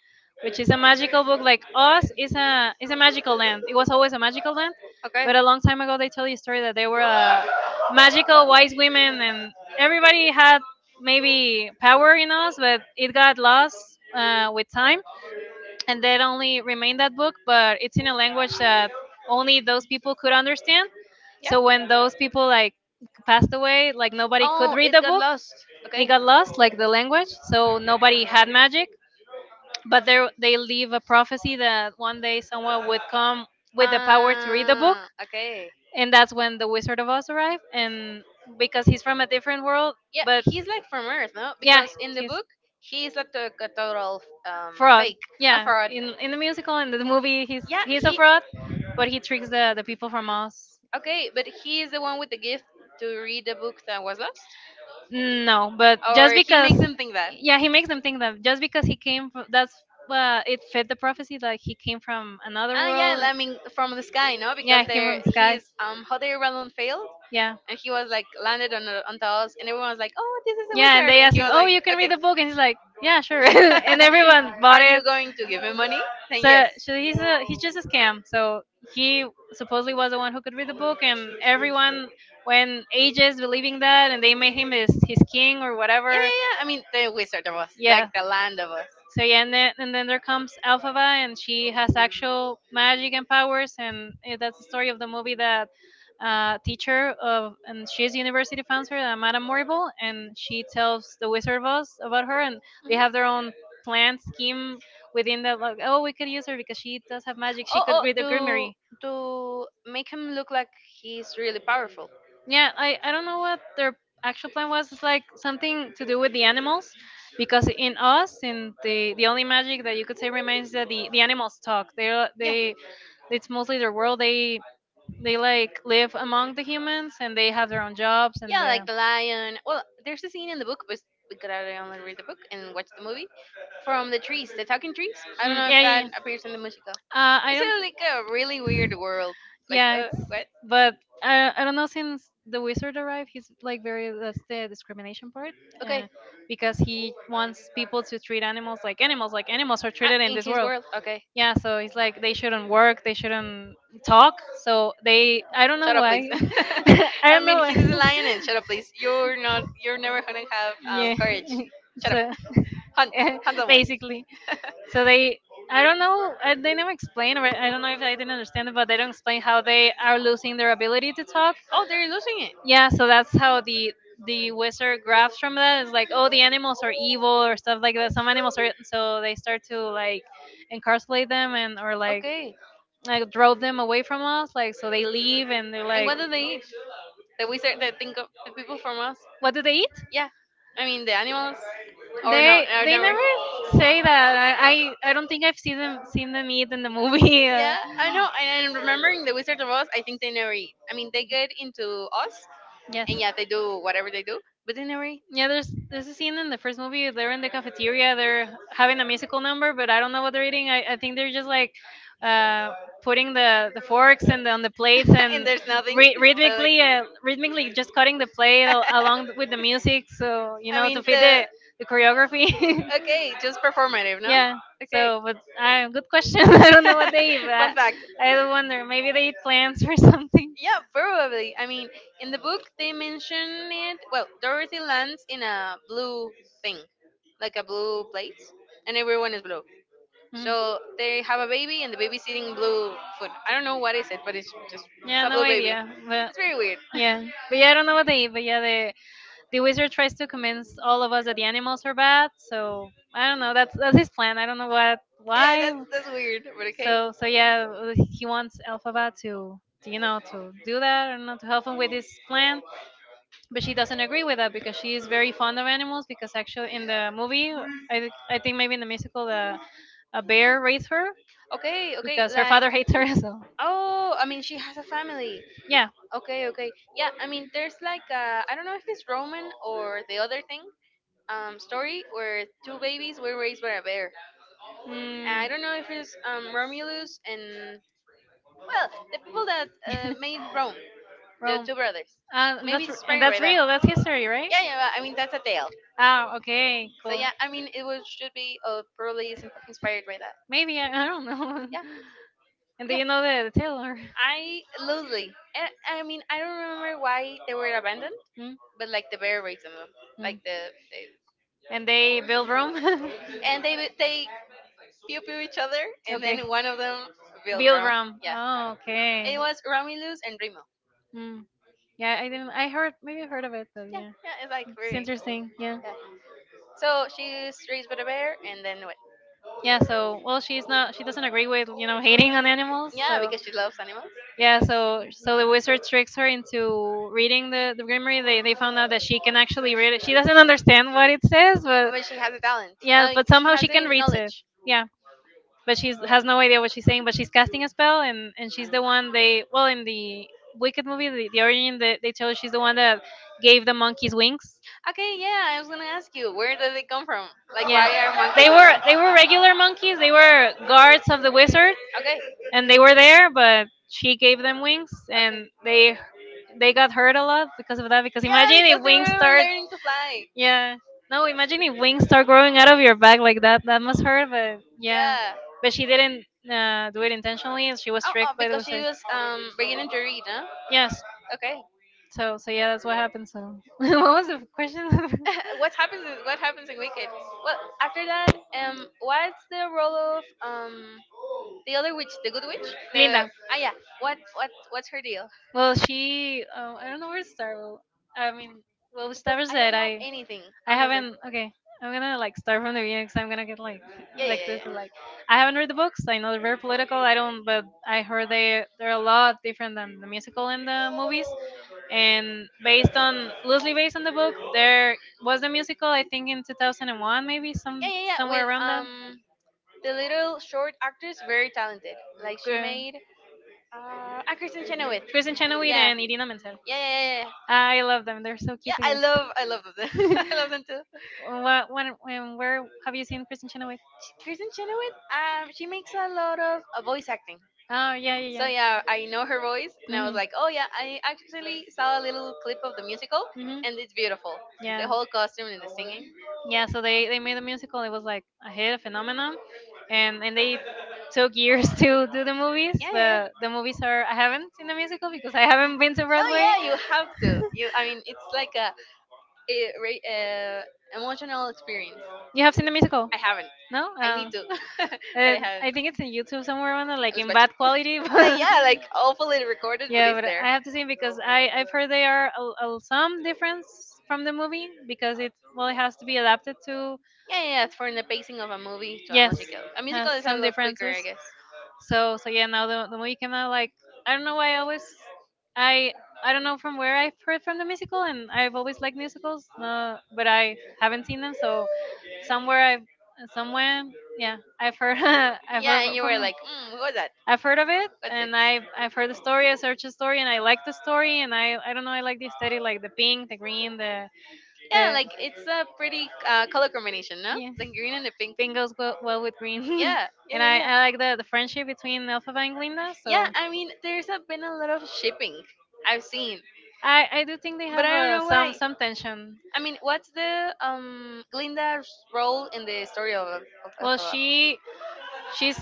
[SPEAKER 2] which is a magical book. Like Oz is a is a magical land. It was always a magical land,
[SPEAKER 1] Okay.
[SPEAKER 2] but a long time ago they tell you a story that they were uh, magical wise women, and everybody had maybe power in Oz, but it got lost uh, with time, and that only remained that book. But it's in a language that only those people could understand.
[SPEAKER 1] Yeah.
[SPEAKER 2] So when those people like passed away, like nobody could
[SPEAKER 1] Oh,
[SPEAKER 2] read
[SPEAKER 1] it
[SPEAKER 2] the
[SPEAKER 1] got
[SPEAKER 2] book.
[SPEAKER 1] lost.
[SPEAKER 2] It
[SPEAKER 1] Okay.
[SPEAKER 2] got lost, like the language. So nobody had magic but there they leave a prophecy that one day someone would come with the power to read the book
[SPEAKER 1] Ah, okay.
[SPEAKER 2] and that's when the Wizard of Oz arrived and because he's from a different world
[SPEAKER 1] Yeah,
[SPEAKER 2] but
[SPEAKER 1] he's like from Earth, no?
[SPEAKER 2] yeah
[SPEAKER 1] Because in the
[SPEAKER 2] he's
[SPEAKER 1] book, he is a, to- a total um,
[SPEAKER 2] fraud
[SPEAKER 1] fake, a
[SPEAKER 2] yeah
[SPEAKER 1] fraud.
[SPEAKER 2] in in the musical and the movie he's
[SPEAKER 1] Yeah,
[SPEAKER 2] he's a
[SPEAKER 1] he.
[SPEAKER 2] fraud but he tricks the the people from Oz
[SPEAKER 1] Okay, but he is the one with the gift to read the book that was lost?
[SPEAKER 2] no but just
[SPEAKER 1] Or just he
[SPEAKER 2] because
[SPEAKER 1] makes them think that?
[SPEAKER 2] yeah he makes them think that just because he came from that's uh, it fit the prophecy that he came from another
[SPEAKER 1] Ah, yeah,
[SPEAKER 2] world
[SPEAKER 1] I one. Mean, from the sky, no? Yeah, because
[SPEAKER 2] yeah
[SPEAKER 1] he's
[SPEAKER 2] he came from
[SPEAKER 1] there,
[SPEAKER 2] the sky
[SPEAKER 1] he's, um, how Hodder Rallon failed,
[SPEAKER 2] yeah.
[SPEAKER 1] and he was like landed on the, on the house, and everyone was like, oh, this is a
[SPEAKER 2] Yeah,
[SPEAKER 1] wizard,"
[SPEAKER 2] and
[SPEAKER 1] wizard,
[SPEAKER 2] they
[SPEAKER 1] and
[SPEAKER 2] asked
[SPEAKER 1] he
[SPEAKER 2] him,
[SPEAKER 1] was
[SPEAKER 2] "Oh,
[SPEAKER 1] like,
[SPEAKER 2] you can
[SPEAKER 1] okay,
[SPEAKER 2] read the book," and he's like, "Yeah, sure." And everyone bought
[SPEAKER 1] Are you
[SPEAKER 2] it.
[SPEAKER 1] going to give him money? Then
[SPEAKER 2] So,
[SPEAKER 1] yes.
[SPEAKER 2] so he's a he's just a scam. So he supposedly was the one who could read the book, and everyone went ages believing that, and they made him his his king or
[SPEAKER 1] Yeah, yeah,
[SPEAKER 2] whatever.
[SPEAKER 1] yeah. I mean, the Wizard of Oz,
[SPEAKER 2] Yeah,
[SPEAKER 1] like the land of Oz.
[SPEAKER 2] so yeah, and then and then there comes Alphaba, and she has actual magic and powers, and eh, that's the story of the movie that uh, teacher of and she's university founder, uh, Madame Morrible, and she tells the Wizard of Oz about her, and they have their own
[SPEAKER 1] Mhm.
[SPEAKER 2] plan scheme within that. Like, oh, we could use her because she does have magic, she
[SPEAKER 1] Oh,
[SPEAKER 2] could read the Grimoire.
[SPEAKER 1] oh, to to make him look like he's really powerful.
[SPEAKER 2] Yeah, I, I don't know what their actual plan was. It's like something to do with the animals, because in us, in the the only magic that you could say remains is that the, the animals talk. They're
[SPEAKER 1] Yeah.
[SPEAKER 2] they it's mostly their world. They they like live among the humans and they have their own jobs and
[SPEAKER 1] Yeah, like
[SPEAKER 2] the
[SPEAKER 1] the lion. Well, there's a scene in the book, but because I only read the book and watch the movie, from the trees, the talking trees. I don't
[SPEAKER 2] mm,
[SPEAKER 1] know if
[SPEAKER 2] yeah, yeah
[SPEAKER 1] that
[SPEAKER 2] yeah.
[SPEAKER 1] appears in the musical.
[SPEAKER 2] Uh, I
[SPEAKER 1] It's a,
[SPEAKER 2] don't.
[SPEAKER 1] don't like a really weird world. Like,
[SPEAKER 2] Yeah,
[SPEAKER 1] uh,
[SPEAKER 2] it's
[SPEAKER 1] what?
[SPEAKER 2] but I I don't know, since the wizard arrived, he's like very that's the discrimination part,
[SPEAKER 1] Okay,
[SPEAKER 2] uh, because he wants people to treat animals like animals, like animals are
[SPEAKER 1] ah,
[SPEAKER 2] treated in
[SPEAKER 1] in
[SPEAKER 2] this
[SPEAKER 1] his
[SPEAKER 2] world.
[SPEAKER 1] world. Okay,
[SPEAKER 2] Yeah, so he's like they shouldn't work, they shouldn't talk. So they I don't know
[SPEAKER 1] shut know up, please.
[SPEAKER 2] why,
[SPEAKER 1] I
[SPEAKER 2] I
[SPEAKER 1] I
[SPEAKER 2] don't
[SPEAKER 1] mean,
[SPEAKER 2] know
[SPEAKER 1] he's why. A
[SPEAKER 2] why.
[SPEAKER 1] lion, and shut up, please. You're not. You're never gonna have um,
[SPEAKER 2] Yeah,
[SPEAKER 1] courage. Shut up.
[SPEAKER 2] so
[SPEAKER 1] Hunt, hunt someone.
[SPEAKER 2] basically.
[SPEAKER 1] I
[SPEAKER 2] So they, I don't know, I, they never explain, or I don't know if I didn't understand it, but they don't explain how they are losing their ability to talk.
[SPEAKER 1] oh, they're losing it.
[SPEAKER 2] Yeah, so that's how the the wizard grabs from that. It's like, oh, the animals are evil or stuff like that. Some animals are, so they start to like incarcerate them and or like
[SPEAKER 1] Okay.
[SPEAKER 2] like drove them away from us. Like so they leave and they're
[SPEAKER 1] And
[SPEAKER 2] like,
[SPEAKER 1] what do they eat? The wizard that think of the people from us.
[SPEAKER 2] what do they eat?
[SPEAKER 1] Yeah. I mean the animals. Or no,
[SPEAKER 2] They
[SPEAKER 1] or
[SPEAKER 2] they
[SPEAKER 1] never. Say
[SPEAKER 2] never
[SPEAKER 1] that.
[SPEAKER 2] say that. I I, I don't think I've seen them seen them eat in the movie.
[SPEAKER 1] It. Yeah, I know. And I'm remembering the Wizard of Oz. I think they never eat. I mean, they get into Oz,
[SPEAKER 2] Uh, yes.
[SPEAKER 1] and yeah, they do whatever they do, but they never eat.
[SPEAKER 2] Yeah, there's there's a scene in the first movie. They're in the cafeteria. They're having a musical number, but I don't know what they're eating. I, I think they're just like uh, putting the, the forks and on the plates
[SPEAKER 1] And
[SPEAKER 2] and
[SPEAKER 1] there's nothing.
[SPEAKER 2] rhy-
[SPEAKER 1] So, like,
[SPEAKER 2] rhythmically uh, rhythmically just cutting the plate al- along with the music, so you
[SPEAKER 1] I just
[SPEAKER 2] know
[SPEAKER 1] mean,
[SPEAKER 2] to fit
[SPEAKER 1] the
[SPEAKER 2] the the
[SPEAKER 1] it.
[SPEAKER 2] choreography.
[SPEAKER 1] Okay, just performative, no?
[SPEAKER 2] Yeah.
[SPEAKER 1] Yeah. Okay.
[SPEAKER 2] So, but uh, good question. I don't know what they eat, but I,
[SPEAKER 1] Fun fact.
[SPEAKER 2] I wonder maybe they eat plants or something.
[SPEAKER 1] Yeah, probably. I mean, in the book they mention it. Well, Dorothy lands in a blue thing, like a blue plate, and everyone is blue.
[SPEAKER 2] Mm.
[SPEAKER 1] So they have a baby, and the baby's eating blue food. I don't know what is it, but it's just it's
[SPEAKER 2] Yeah,
[SPEAKER 1] a Yeah,
[SPEAKER 2] no
[SPEAKER 1] blue baby.
[SPEAKER 2] idea. But
[SPEAKER 1] It's very weird.
[SPEAKER 2] yeah, but yeah, I don't know what they eat. But yeah, the the wizard tries to convince all of us that the animals are bad. So I don't know. That's that's his plan. I don't know what
[SPEAKER 1] Yeah,
[SPEAKER 2] why.
[SPEAKER 1] that's that's weird, but so, okay.
[SPEAKER 2] So so yeah, uh, he wants Elphaba to to, you know to do that. I not know to help him with his plan. But she doesn't agree with that because she is very fond of animals. Because actually in the movie, I thi- I think maybe in the musical, the a bear raised her
[SPEAKER 1] Okay, okay,
[SPEAKER 2] because her
[SPEAKER 1] like
[SPEAKER 2] father hates her. So
[SPEAKER 1] oh, I mean she has a family.
[SPEAKER 2] yeah.
[SPEAKER 1] Okay, okay, yeah. I mean there's like uh, I don't know if it's Roman or the other thing um story where two babies were raised by a bear. And
[SPEAKER 2] Mm.
[SPEAKER 1] I don't know if it's um Romulus and well the people that uh, made Rome, the
[SPEAKER 2] Rome.
[SPEAKER 1] two brothers.
[SPEAKER 2] Uh,
[SPEAKER 1] Maybe
[SPEAKER 2] that's
[SPEAKER 1] it's
[SPEAKER 2] r- and
[SPEAKER 1] inspired by
[SPEAKER 2] that's
[SPEAKER 1] that.
[SPEAKER 2] real. That's history, right?
[SPEAKER 1] Yeah, yeah. But I mean that's a tale.
[SPEAKER 2] Ah, okay,
[SPEAKER 1] So
[SPEAKER 2] cool.
[SPEAKER 1] yeah, I mean it was should be uh, probably is inspired by that.
[SPEAKER 2] Maybe I, I don't know.
[SPEAKER 1] Yeah.
[SPEAKER 2] And do
[SPEAKER 1] Yeah.
[SPEAKER 2] you
[SPEAKER 1] You
[SPEAKER 2] know
[SPEAKER 1] know
[SPEAKER 2] the,
[SPEAKER 1] the
[SPEAKER 2] the Taylor?
[SPEAKER 1] Taylor. I literally, and I mean, I don't remember why they were abandoned,
[SPEAKER 2] Hmm?
[SPEAKER 1] but like the bear raised them,
[SPEAKER 2] Hmm.
[SPEAKER 1] like the, the
[SPEAKER 2] And they build Rome.
[SPEAKER 1] and they would- they pew pew each other, and
[SPEAKER 2] Okay.
[SPEAKER 1] then one of them built Bill
[SPEAKER 2] Build
[SPEAKER 1] Rome. Brown.
[SPEAKER 2] Rome.
[SPEAKER 1] Yeah, oh,
[SPEAKER 2] Oh,
[SPEAKER 1] okay. It
[SPEAKER 2] okay.
[SPEAKER 1] was Romulus and Remo.
[SPEAKER 2] Mm, yeah, I didn't. I
[SPEAKER 1] I
[SPEAKER 2] heard
[SPEAKER 1] heard
[SPEAKER 2] maybe I heard of it, but
[SPEAKER 1] Yeah,
[SPEAKER 2] yeah,
[SPEAKER 1] yeah, it's like it's
[SPEAKER 2] it's
[SPEAKER 1] very. Interesting.
[SPEAKER 2] interesting. Yeah,
[SPEAKER 1] Yeah. Yeah. So she's raised by the bear, and then what? Yeah,
[SPEAKER 2] yeah.
[SPEAKER 1] so
[SPEAKER 2] So, well,
[SPEAKER 1] well, she's
[SPEAKER 2] she's
[SPEAKER 1] not.
[SPEAKER 2] not.
[SPEAKER 1] Doesn't
[SPEAKER 2] She
[SPEAKER 1] She
[SPEAKER 2] doesn't
[SPEAKER 1] doesn't
[SPEAKER 2] agree
[SPEAKER 1] agree
[SPEAKER 2] with
[SPEAKER 1] with
[SPEAKER 2] you
[SPEAKER 1] you
[SPEAKER 2] know
[SPEAKER 1] know,
[SPEAKER 2] hating
[SPEAKER 1] eating an
[SPEAKER 2] on
[SPEAKER 1] animal.
[SPEAKER 2] animals.
[SPEAKER 1] Yeah,
[SPEAKER 2] So,
[SPEAKER 1] because she loves animals. Yeah.
[SPEAKER 2] yeah,
[SPEAKER 1] So
[SPEAKER 2] so so the wizard tricks her
[SPEAKER 1] they went.
[SPEAKER 2] into reading the the grimoire. They they found out that she can actually read it. She doesn't understand what it says, but
[SPEAKER 1] But she has a talent.
[SPEAKER 2] yeah,
[SPEAKER 1] Like
[SPEAKER 2] but
[SPEAKER 1] she
[SPEAKER 2] somehow
[SPEAKER 1] has
[SPEAKER 2] she can
[SPEAKER 1] a
[SPEAKER 2] read it.
[SPEAKER 1] knowledge.
[SPEAKER 2] Yeah, but she has no idea what she's saying. But she's casting a spell, and and she's the one they well in the Wicked movie, the, the origin that they tell her she's the one that gave the monkeys wings.
[SPEAKER 1] Okay, yeah, I was gonna ask you, where did they come from? Like,
[SPEAKER 2] Yeah,
[SPEAKER 1] why are monkeys
[SPEAKER 2] they
[SPEAKER 1] monkeys
[SPEAKER 2] were
[SPEAKER 1] that
[SPEAKER 2] they were
[SPEAKER 1] thing?
[SPEAKER 2] regular monkeys. They were guards of the
[SPEAKER 1] Way?
[SPEAKER 2] wizard,
[SPEAKER 1] Okay.
[SPEAKER 2] and they were there, but she gave them wings, and they they got hurt a
[SPEAKER 1] Up
[SPEAKER 2] lot because of that. Because
[SPEAKER 1] yeah,
[SPEAKER 2] imagine
[SPEAKER 1] because
[SPEAKER 2] if
[SPEAKER 1] they
[SPEAKER 2] wings
[SPEAKER 1] were
[SPEAKER 2] start,
[SPEAKER 1] learning to fly.
[SPEAKER 2] yeah, no, imagine if wings start growing out of your back like that. That must hurt, but yeah,
[SPEAKER 1] Yeah.
[SPEAKER 2] but she didn't uh, do it
[SPEAKER 1] Yeah.
[SPEAKER 2] intentionally, and she was
[SPEAKER 1] Oh, oh,
[SPEAKER 2] tricked by the
[SPEAKER 1] because into- she
[SPEAKER 2] wizard.
[SPEAKER 1] was um beginning to read, huh?
[SPEAKER 2] Yes.
[SPEAKER 1] Okay.
[SPEAKER 2] So so yeah, that's what happened. So what was the question,
[SPEAKER 1] What happens? in- What happens in Wicked? Well, after that, um, what's the role of um the other witch, the good witch, the
[SPEAKER 2] Linda?
[SPEAKER 1] ah yeah. What what what's her deal?
[SPEAKER 2] Well, she. Oh, I don't know where to start. Well, I mean, well, we
[SPEAKER 1] Because
[SPEAKER 2] start
[SPEAKER 1] I don't
[SPEAKER 2] said
[SPEAKER 1] know
[SPEAKER 2] I.
[SPEAKER 1] anything,
[SPEAKER 2] I
[SPEAKER 1] honestly.
[SPEAKER 2] haven't. Okay, I'm gonna like start from the beginning because I'm gonna get like
[SPEAKER 1] Yeah yeah
[SPEAKER 2] like
[SPEAKER 1] yeah
[SPEAKER 2] this. Like,
[SPEAKER 1] yeah.
[SPEAKER 2] I haven't read the books. I know they're very political. I don't, but I heard they they're a lot different than the musical and the movies. And based on loosely based on the book, there was a musical. I think in two thousand one, maybe some
[SPEAKER 1] Yeah yeah yeah.
[SPEAKER 2] somewhere
[SPEAKER 1] With
[SPEAKER 2] around that.
[SPEAKER 1] um the little short actress, very talented. Like she
[SPEAKER 2] Good.
[SPEAKER 1] made uh ah, Kristen Chenoweth.
[SPEAKER 2] Kristen Chenoweth
[SPEAKER 1] Yeah.
[SPEAKER 2] and Idina Menzel.
[SPEAKER 1] Yeah yeah yeah yeah.
[SPEAKER 2] I love them. They're so cute
[SPEAKER 1] Yeah, I love I love them.
[SPEAKER 2] together.
[SPEAKER 1] I love them too.
[SPEAKER 2] What when when where have you seen Kristen Chenoweth?
[SPEAKER 1] Kristen Chenoweth, um, she makes a lot of uh, voice acting.
[SPEAKER 2] Oh yeah
[SPEAKER 1] So
[SPEAKER 2] yeah
[SPEAKER 1] yeah, I
[SPEAKER 2] yeah.
[SPEAKER 1] know her voice, and I was
[SPEAKER 2] Mhm.
[SPEAKER 1] like, oh yeah, I actually saw a little clip of the musical,
[SPEAKER 2] Mhm.
[SPEAKER 1] and it's beautiful. The
[SPEAKER 2] Yeah.
[SPEAKER 1] whole costume and the singing. Yeah.
[SPEAKER 2] Yeah, so they they made a musical. It was like a hit, a phenomenon, and and they took years to do the
[SPEAKER 1] Yeah,
[SPEAKER 2] movies.
[SPEAKER 1] yeah.
[SPEAKER 2] But
[SPEAKER 1] Yeah.
[SPEAKER 2] the movies are I haven't seen the musical because I haven't been to
[SPEAKER 1] No,
[SPEAKER 2] Broadway.
[SPEAKER 1] yeah, you have to. You, I mean, it's like a, a, re- uh emotional experience.
[SPEAKER 2] You
[SPEAKER 1] Yeah.
[SPEAKER 2] have seen the musical?
[SPEAKER 1] I haven't.
[SPEAKER 2] No.
[SPEAKER 1] I need
[SPEAKER 2] Um,
[SPEAKER 1] to, but uh,
[SPEAKER 2] uh,
[SPEAKER 1] I haven't.
[SPEAKER 2] I think it's in YouTube somewhere, Amanda,
[SPEAKER 1] I
[SPEAKER 2] like
[SPEAKER 1] was
[SPEAKER 2] in
[SPEAKER 1] watching.
[SPEAKER 2] bad quality. But
[SPEAKER 1] Like yeah, like awfully recorded, but
[SPEAKER 2] yeah,
[SPEAKER 1] it's
[SPEAKER 2] but
[SPEAKER 1] there.
[SPEAKER 2] I have to see because I I've heard they are a, a, some difference from the movie because it well it has to be adapted to
[SPEAKER 1] Yeah, yeah, yeah, for the pacing of a movie
[SPEAKER 2] yes has
[SPEAKER 1] A
[SPEAKER 2] some differences.
[SPEAKER 1] I guess.
[SPEAKER 2] So so yeah now the the movie came out like I don't know why I always I I don't know from where I've heard from the musical and I've always liked musicals uh, but I haven't seen them so somewhere I've somewhere yeah I've heard I've heard from like,
[SPEAKER 1] Mm, what was that?
[SPEAKER 2] I've heard of it, and I've I've heard the story. I searched the story, and I like the story, and I I don't know. I like the aesthetic, like the pink, the green, the
[SPEAKER 1] Yeah,
[SPEAKER 2] the
[SPEAKER 1] like it's a pretty uh, color combination,
[SPEAKER 2] yeah.
[SPEAKER 1] the green and the
[SPEAKER 2] Pink goes well, well with green,
[SPEAKER 1] Yeah,
[SPEAKER 2] and I
[SPEAKER 1] yeah,
[SPEAKER 2] I like the the friendship between Elphaba and Glinda.
[SPEAKER 1] Yeah,
[SPEAKER 2] So
[SPEAKER 1] I mean, there's a, been a lot of shipping I've seen.
[SPEAKER 2] I I do think they
[SPEAKER 1] I But
[SPEAKER 2] have
[SPEAKER 1] I don't
[SPEAKER 2] uh,
[SPEAKER 1] know
[SPEAKER 2] some
[SPEAKER 1] why.
[SPEAKER 2] some tension.
[SPEAKER 1] I mean, what's the um Glinda's role in the story of, of
[SPEAKER 2] Well,
[SPEAKER 1] Elphaba?
[SPEAKER 2] she She's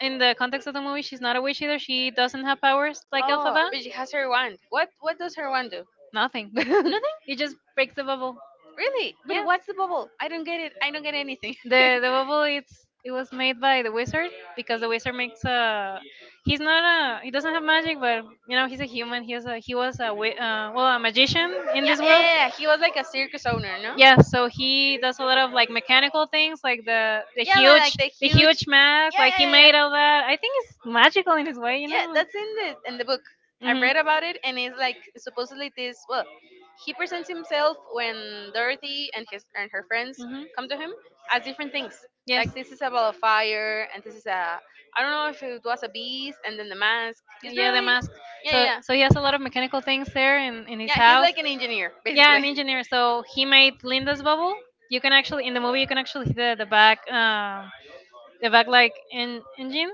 [SPEAKER 2] in the context of the movie. She's not a witch either. She doesn't have powers like
[SPEAKER 1] Oh,
[SPEAKER 2] Elphaba.
[SPEAKER 1] but she has her wand. What what does her wand do?
[SPEAKER 2] Nothing.
[SPEAKER 1] Nothing?
[SPEAKER 2] It just breaks the bubble.
[SPEAKER 1] Really? But
[SPEAKER 2] Yeah.
[SPEAKER 1] what's the bubble? I don't get it. I don't get anything. Yeah,
[SPEAKER 2] The the bubble it's it was made by the wizard because the wizard makes a he's not a he doesn't have magic but you know he's a human he was a he was a wi- uh, well a magician in
[SPEAKER 1] yeah,
[SPEAKER 2] this
[SPEAKER 1] yeah,
[SPEAKER 2] world.
[SPEAKER 1] yeah. He was like a circus owner, no?
[SPEAKER 2] Yeah, so he does a lot of like mechanical things, like the the
[SPEAKER 1] Yeah, li-
[SPEAKER 2] huge
[SPEAKER 1] like the
[SPEAKER 2] the huge
[SPEAKER 1] huge,
[SPEAKER 2] mask.
[SPEAKER 1] yeah,
[SPEAKER 2] Like
[SPEAKER 1] yeah,
[SPEAKER 2] he
[SPEAKER 1] yeah,
[SPEAKER 2] made all that. I
[SPEAKER 1] yeah.
[SPEAKER 2] think it's magical in his way, you
[SPEAKER 1] Yeah,
[SPEAKER 2] know.
[SPEAKER 1] that's in the in the book. I
[SPEAKER 2] Hmm,
[SPEAKER 1] read about it, and it's like supposedly this. Well, he presents himself when Dorothy and his and her friends
[SPEAKER 2] hmm.
[SPEAKER 1] come to him as different things.
[SPEAKER 2] Yes.
[SPEAKER 1] Like this is a ball of fire, and this is a I don't know if it was a beast, and then the mask. It's
[SPEAKER 2] Yeah, the
[SPEAKER 1] really
[SPEAKER 2] mask.
[SPEAKER 1] yeah,
[SPEAKER 2] So
[SPEAKER 1] yeah,
[SPEAKER 2] so he
[SPEAKER 1] yeah.
[SPEAKER 2] has a lot of mechanical things there in, in his
[SPEAKER 1] Yeah, he's
[SPEAKER 2] house.
[SPEAKER 1] like an engineer
[SPEAKER 2] Yeah, an
[SPEAKER 1] basically.
[SPEAKER 2] engineer. So he made Linda's bubble. You can actually in the movie you can actually see the, the back um the back like en- engine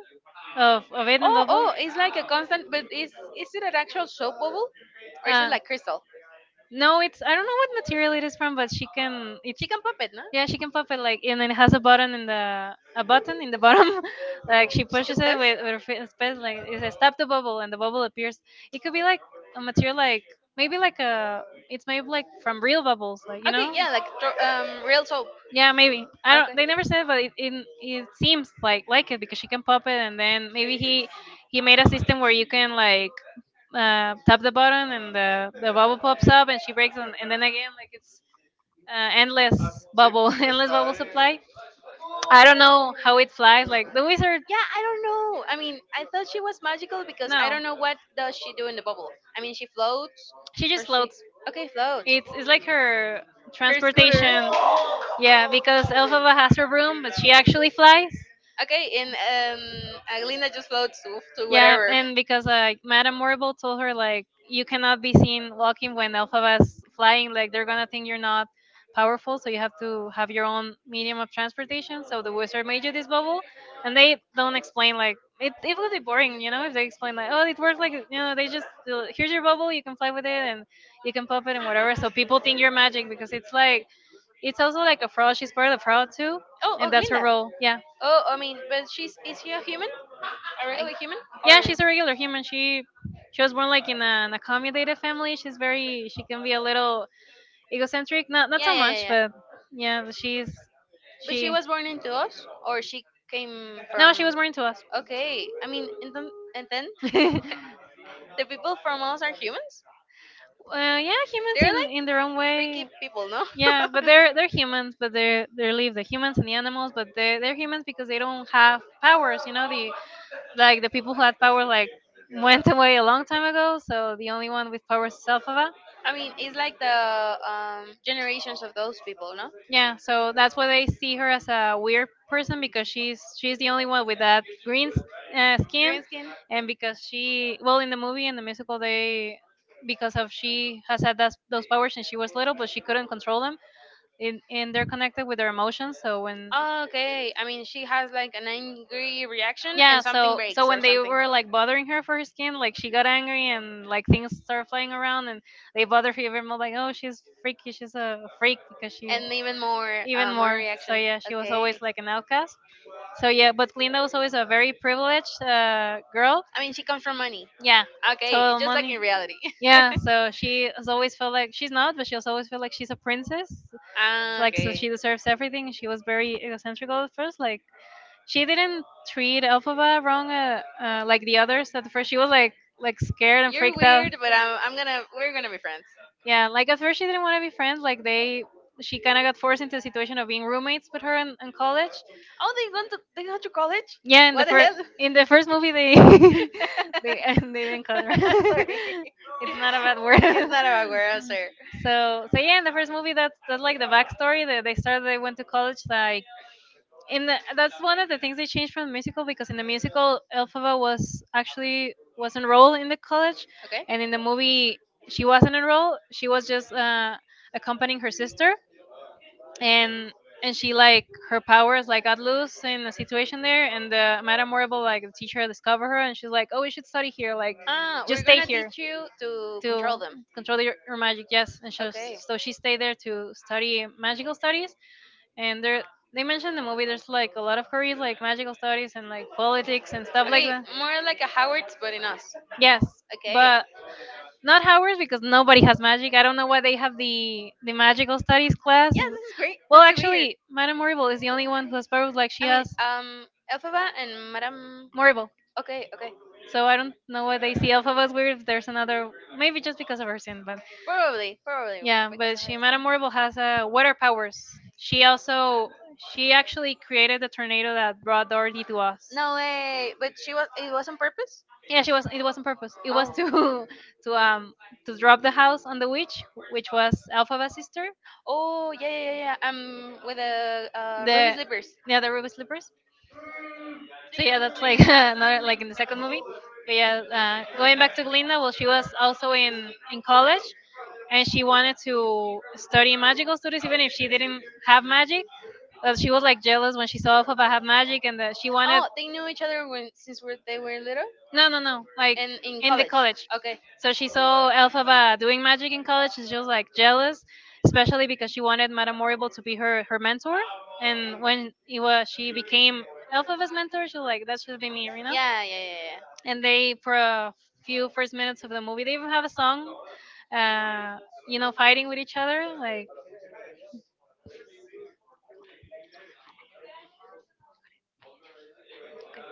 [SPEAKER 2] of of it in the
[SPEAKER 1] Oh,
[SPEAKER 2] bubble.
[SPEAKER 1] oh, it's like a constant. But is is it an actual soap bubble, or is it
[SPEAKER 2] Uh
[SPEAKER 1] like crystal?
[SPEAKER 2] no, it's I don't know what material it is from, but she can. It's
[SPEAKER 1] She can pop it, no?
[SPEAKER 2] Yeah, she can pop it like, and it has a button in the a button in the bottom.
[SPEAKER 1] the
[SPEAKER 2] Like
[SPEAKER 1] She
[SPEAKER 2] she
[SPEAKER 1] can Chicken
[SPEAKER 2] pushes it
[SPEAKER 1] steps.
[SPEAKER 2] with, with her fi- fist, like it says "stop the
[SPEAKER 1] The
[SPEAKER 2] bubble," and the bubble appears. It could be like a material, like maybe like a. It's made like from real bubbles, like you
[SPEAKER 1] Okay,
[SPEAKER 2] know.
[SPEAKER 1] yeah, like tro- um, real soap.
[SPEAKER 2] Yeah, maybe. I don't.
[SPEAKER 1] Okay.
[SPEAKER 2] They never said, but it it, it seems like like it because she can pop it, and then maybe he he made a system where you can like uh, tap the button and the the bubble pops up and she breaks, and, and then again like it's uh, endless bubble, endless bubble supply I don't know how it flies. Like the wizard.
[SPEAKER 1] Yeah, I don't know. I mean, I thought she was magical because I
[SPEAKER 2] No,
[SPEAKER 1] don't know what does she do in the bubble. I mean, she floats
[SPEAKER 2] she
[SPEAKER 1] or
[SPEAKER 2] just
[SPEAKER 1] she floats.
[SPEAKER 2] floats.
[SPEAKER 1] Okay floats.
[SPEAKER 2] It's it's like her
[SPEAKER 1] Her scooter. Transportation.
[SPEAKER 2] transportation. Yeah, because Elphaba has her broom, but she actually flies.
[SPEAKER 1] Okay, and um, Aglinda just floats to, to
[SPEAKER 2] Yeah,
[SPEAKER 1] whatever.
[SPEAKER 2] and because like Madame Morrible told her like you cannot be seen walking when Elphaba's flying, like they're gonna think you're not powerful, so you have to have your own medium of transportation. So the wizard made you this bubble, and they don't explain like it. It would be boring, you know, if they explain like oh it works like you know they just uh, here's your bubble, you can fly with it and you can pop it and whatever. So people think you're magic because it's like it's also like a fraud. She's part of the fraud too,
[SPEAKER 1] Oh, oh,
[SPEAKER 2] and that's her
[SPEAKER 1] Glinda.
[SPEAKER 2] role. Yeah.
[SPEAKER 1] Oh, I mean, but she's is she a human? A regular human? Or
[SPEAKER 2] Yeah, she's a regular human. She she was born like in a, an accommodated family. She's very she can be a little egocentric. Not
[SPEAKER 1] yeah,
[SPEAKER 2] not so
[SPEAKER 1] yeah,
[SPEAKER 2] much,
[SPEAKER 1] yeah, yeah.
[SPEAKER 2] but yeah, but she's
[SPEAKER 1] But she
[SPEAKER 2] she.
[SPEAKER 1] was born into us, or she came
[SPEAKER 2] No, she
[SPEAKER 1] from.
[SPEAKER 2] was born to us.
[SPEAKER 1] Okay, I mean, and then, and then
[SPEAKER 2] uh, yeah,
[SPEAKER 1] the people from us are humans.
[SPEAKER 2] humans
[SPEAKER 1] They're
[SPEAKER 2] in,
[SPEAKER 1] like
[SPEAKER 2] in their own
[SPEAKER 1] freaky
[SPEAKER 2] way.
[SPEAKER 1] people, no?
[SPEAKER 2] Yeah, but they're they're humans, but they they leave the humans and the animals, but they they're humans because they don't have powers. You know, the like the people who had power like went away a long time ago. So the only one with powers is Alphaba.
[SPEAKER 1] I mean, it's like the um, generations of those people, no?
[SPEAKER 2] Yeah, so that's why they see her as a weird person because she's she's the only one with that green s- uh, skin,
[SPEAKER 1] Green skin.
[SPEAKER 2] and because she well in the movie and the musical they because of she has had that, those powers and she was little but she couldn't control them and, and they're connected with her emotions so when
[SPEAKER 1] Oh, okay, I mean, she has like an angry reaction
[SPEAKER 2] yeah,
[SPEAKER 1] and something so
[SPEAKER 2] so
[SPEAKER 1] breaks
[SPEAKER 2] so
[SPEAKER 1] or
[SPEAKER 2] when they
[SPEAKER 1] something,
[SPEAKER 2] were like bothering her for her skin, like she got angry and like things started flying around and they bothered her even more. Like, oh, she's freaky, she's a freak because she
[SPEAKER 1] and even more,
[SPEAKER 2] even
[SPEAKER 1] uh, more
[SPEAKER 2] more.
[SPEAKER 1] reaction.
[SPEAKER 2] So yeah, she was
[SPEAKER 1] Okay, always
[SPEAKER 2] always like an outcast. So yeah, but Glinda was always a very privileged uh, girl.
[SPEAKER 1] I mean, she comes from money.
[SPEAKER 2] Yeah,
[SPEAKER 1] Okay,
[SPEAKER 2] total
[SPEAKER 1] just like
[SPEAKER 2] money.
[SPEAKER 1] in reality.
[SPEAKER 2] Yeah, so she has always felt like she's not, but she has always felt like she's a princess.
[SPEAKER 1] Ah,
[SPEAKER 2] Like so,
[SPEAKER 1] okay.
[SPEAKER 2] she deserves everything. She was very egocentric at first,
[SPEAKER 1] Scared
[SPEAKER 2] like she didn't treat Elphaba wrong uh, uh, like the others at first. She was like like scared and
[SPEAKER 1] you're
[SPEAKER 2] freaked out.
[SPEAKER 1] weird, but I'm, I'm gonna we're gonna be friends.
[SPEAKER 2] Yeah, like at first she didn't want to be friends. Like they, she kind of got forced into a situation of being roommates with her in, in college.
[SPEAKER 1] Oh, they went to they went to college.
[SPEAKER 2] Yeah, in the first in the first movie they
[SPEAKER 1] uh,
[SPEAKER 2] they they didn't cut her.
[SPEAKER 1] Sorry, not
[SPEAKER 2] It's not a
[SPEAKER 1] a bad
[SPEAKER 2] bad word.
[SPEAKER 1] word. It's not a bad word. I'm sorry.
[SPEAKER 2] So so yeah, in the first movie that's that's like the backstory. They they started they went to college like in the that's one of the things they changed from the musical because in the musical Elphaba was actually was enrolled in the college,
[SPEAKER 1] Okay.
[SPEAKER 2] and in the movie she wasn't enrolled. She was just uh, accompanying her sister, and and she like her powers like got loose in a situation there, and the Madame Morrible like the teacher discover her, and she's like, oh, we should study here, like
[SPEAKER 1] Ah,
[SPEAKER 2] just stay
[SPEAKER 1] here.
[SPEAKER 2] here
[SPEAKER 1] Teach you to
[SPEAKER 2] to
[SPEAKER 1] them.
[SPEAKER 2] control your, your magic, yes. And she, so she stayed there to study magical studies, and there they
[SPEAKER 1] You
[SPEAKER 2] mentioned in the movie there's like a lot of careers like magical studies and like politics and stuff like that,
[SPEAKER 1] more like a Howard's, but in us.
[SPEAKER 2] yes,
[SPEAKER 1] Okay.
[SPEAKER 2] but not Howard's because nobody has magic. I don't know why they have the the magical studies class.
[SPEAKER 1] This is great.
[SPEAKER 2] Well, actually Madame Morrible is the only one who has powers, like she has
[SPEAKER 1] um, Elphaba and Madame.
[SPEAKER 2] Morrible.
[SPEAKER 1] Okay, okay.
[SPEAKER 2] So I don't know why they see Elphaba as weird if there's another, maybe just because of her sin. But
[SPEAKER 1] Probably, probably.
[SPEAKER 2] yeah, but she Madame Morrible has uh, water powers. She also she actually created the tornado that brought Dorothy to us.
[SPEAKER 1] No way. But she was. It was on purpose.
[SPEAKER 2] Yeah, she was it was on purpose. It was
[SPEAKER 1] Oh.
[SPEAKER 2] to to um to drop the house on the witch, which was Alphaba's sister.
[SPEAKER 1] Oh yeah, yeah, yeah. Yeah. Um, with the uh,
[SPEAKER 2] The
[SPEAKER 1] slippers.
[SPEAKER 2] yeah the ruby slippers. So yeah that's like another like in the second movie. But yeah uh, going back to Glinda, well she was also in in college and she wanted to study magical studies even if she didn't have magic. But she was like jealous when she saw Alphaba have magic and that she wanted.
[SPEAKER 1] Oh, they knew each other when since were, they were little
[SPEAKER 2] No, no, no. Like
[SPEAKER 1] and in
[SPEAKER 2] in the
[SPEAKER 1] college.
[SPEAKER 2] college.
[SPEAKER 1] Okay.
[SPEAKER 2] So she saw Elphaba doing magic in college. She was like jealous, especially because she wanted Madame Morrible to be her her mentor. And when it was, she became Elphaba's mentor, she was like, that should be me, you know?
[SPEAKER 1] Yeah, yeah, yeah, yeah.
[SPEAKER 2] And they, for a few first minutes of the movie, they even have a song, uh, you know, fighting with each other. Like,
[SPEAKER 1] Okay.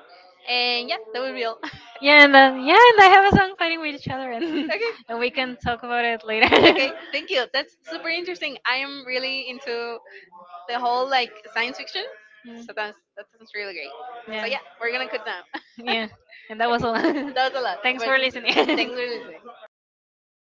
[SPEAKER 1] And yeah, that would be all.
[SPEAKER 2] yeah, and then, yeah, and I have a song fighting with each other. And,
[SPEAKER 1] okay.
[SPEAKER 2] and we can talk about it later.
[SPEAKER 1] Okay, thank you. That's super interesting. I am really into the whole like science fiction.
[SPEAKER 2] Mm,
[SPEAKER 1] So that's that sounds really great. So
[SPEAKER 2] yeah,
[SPEAKER 1] yeah, we're gonna cut now.
[SPEAKER 2] yeah. And that was all.
[SPEAKER 1] That's a lot.
[SPEAKER 2] Thanks
[SPEAKER 1] But
[SPEAKER 2] for listening.
[SPEAKER 1] thanks for listening.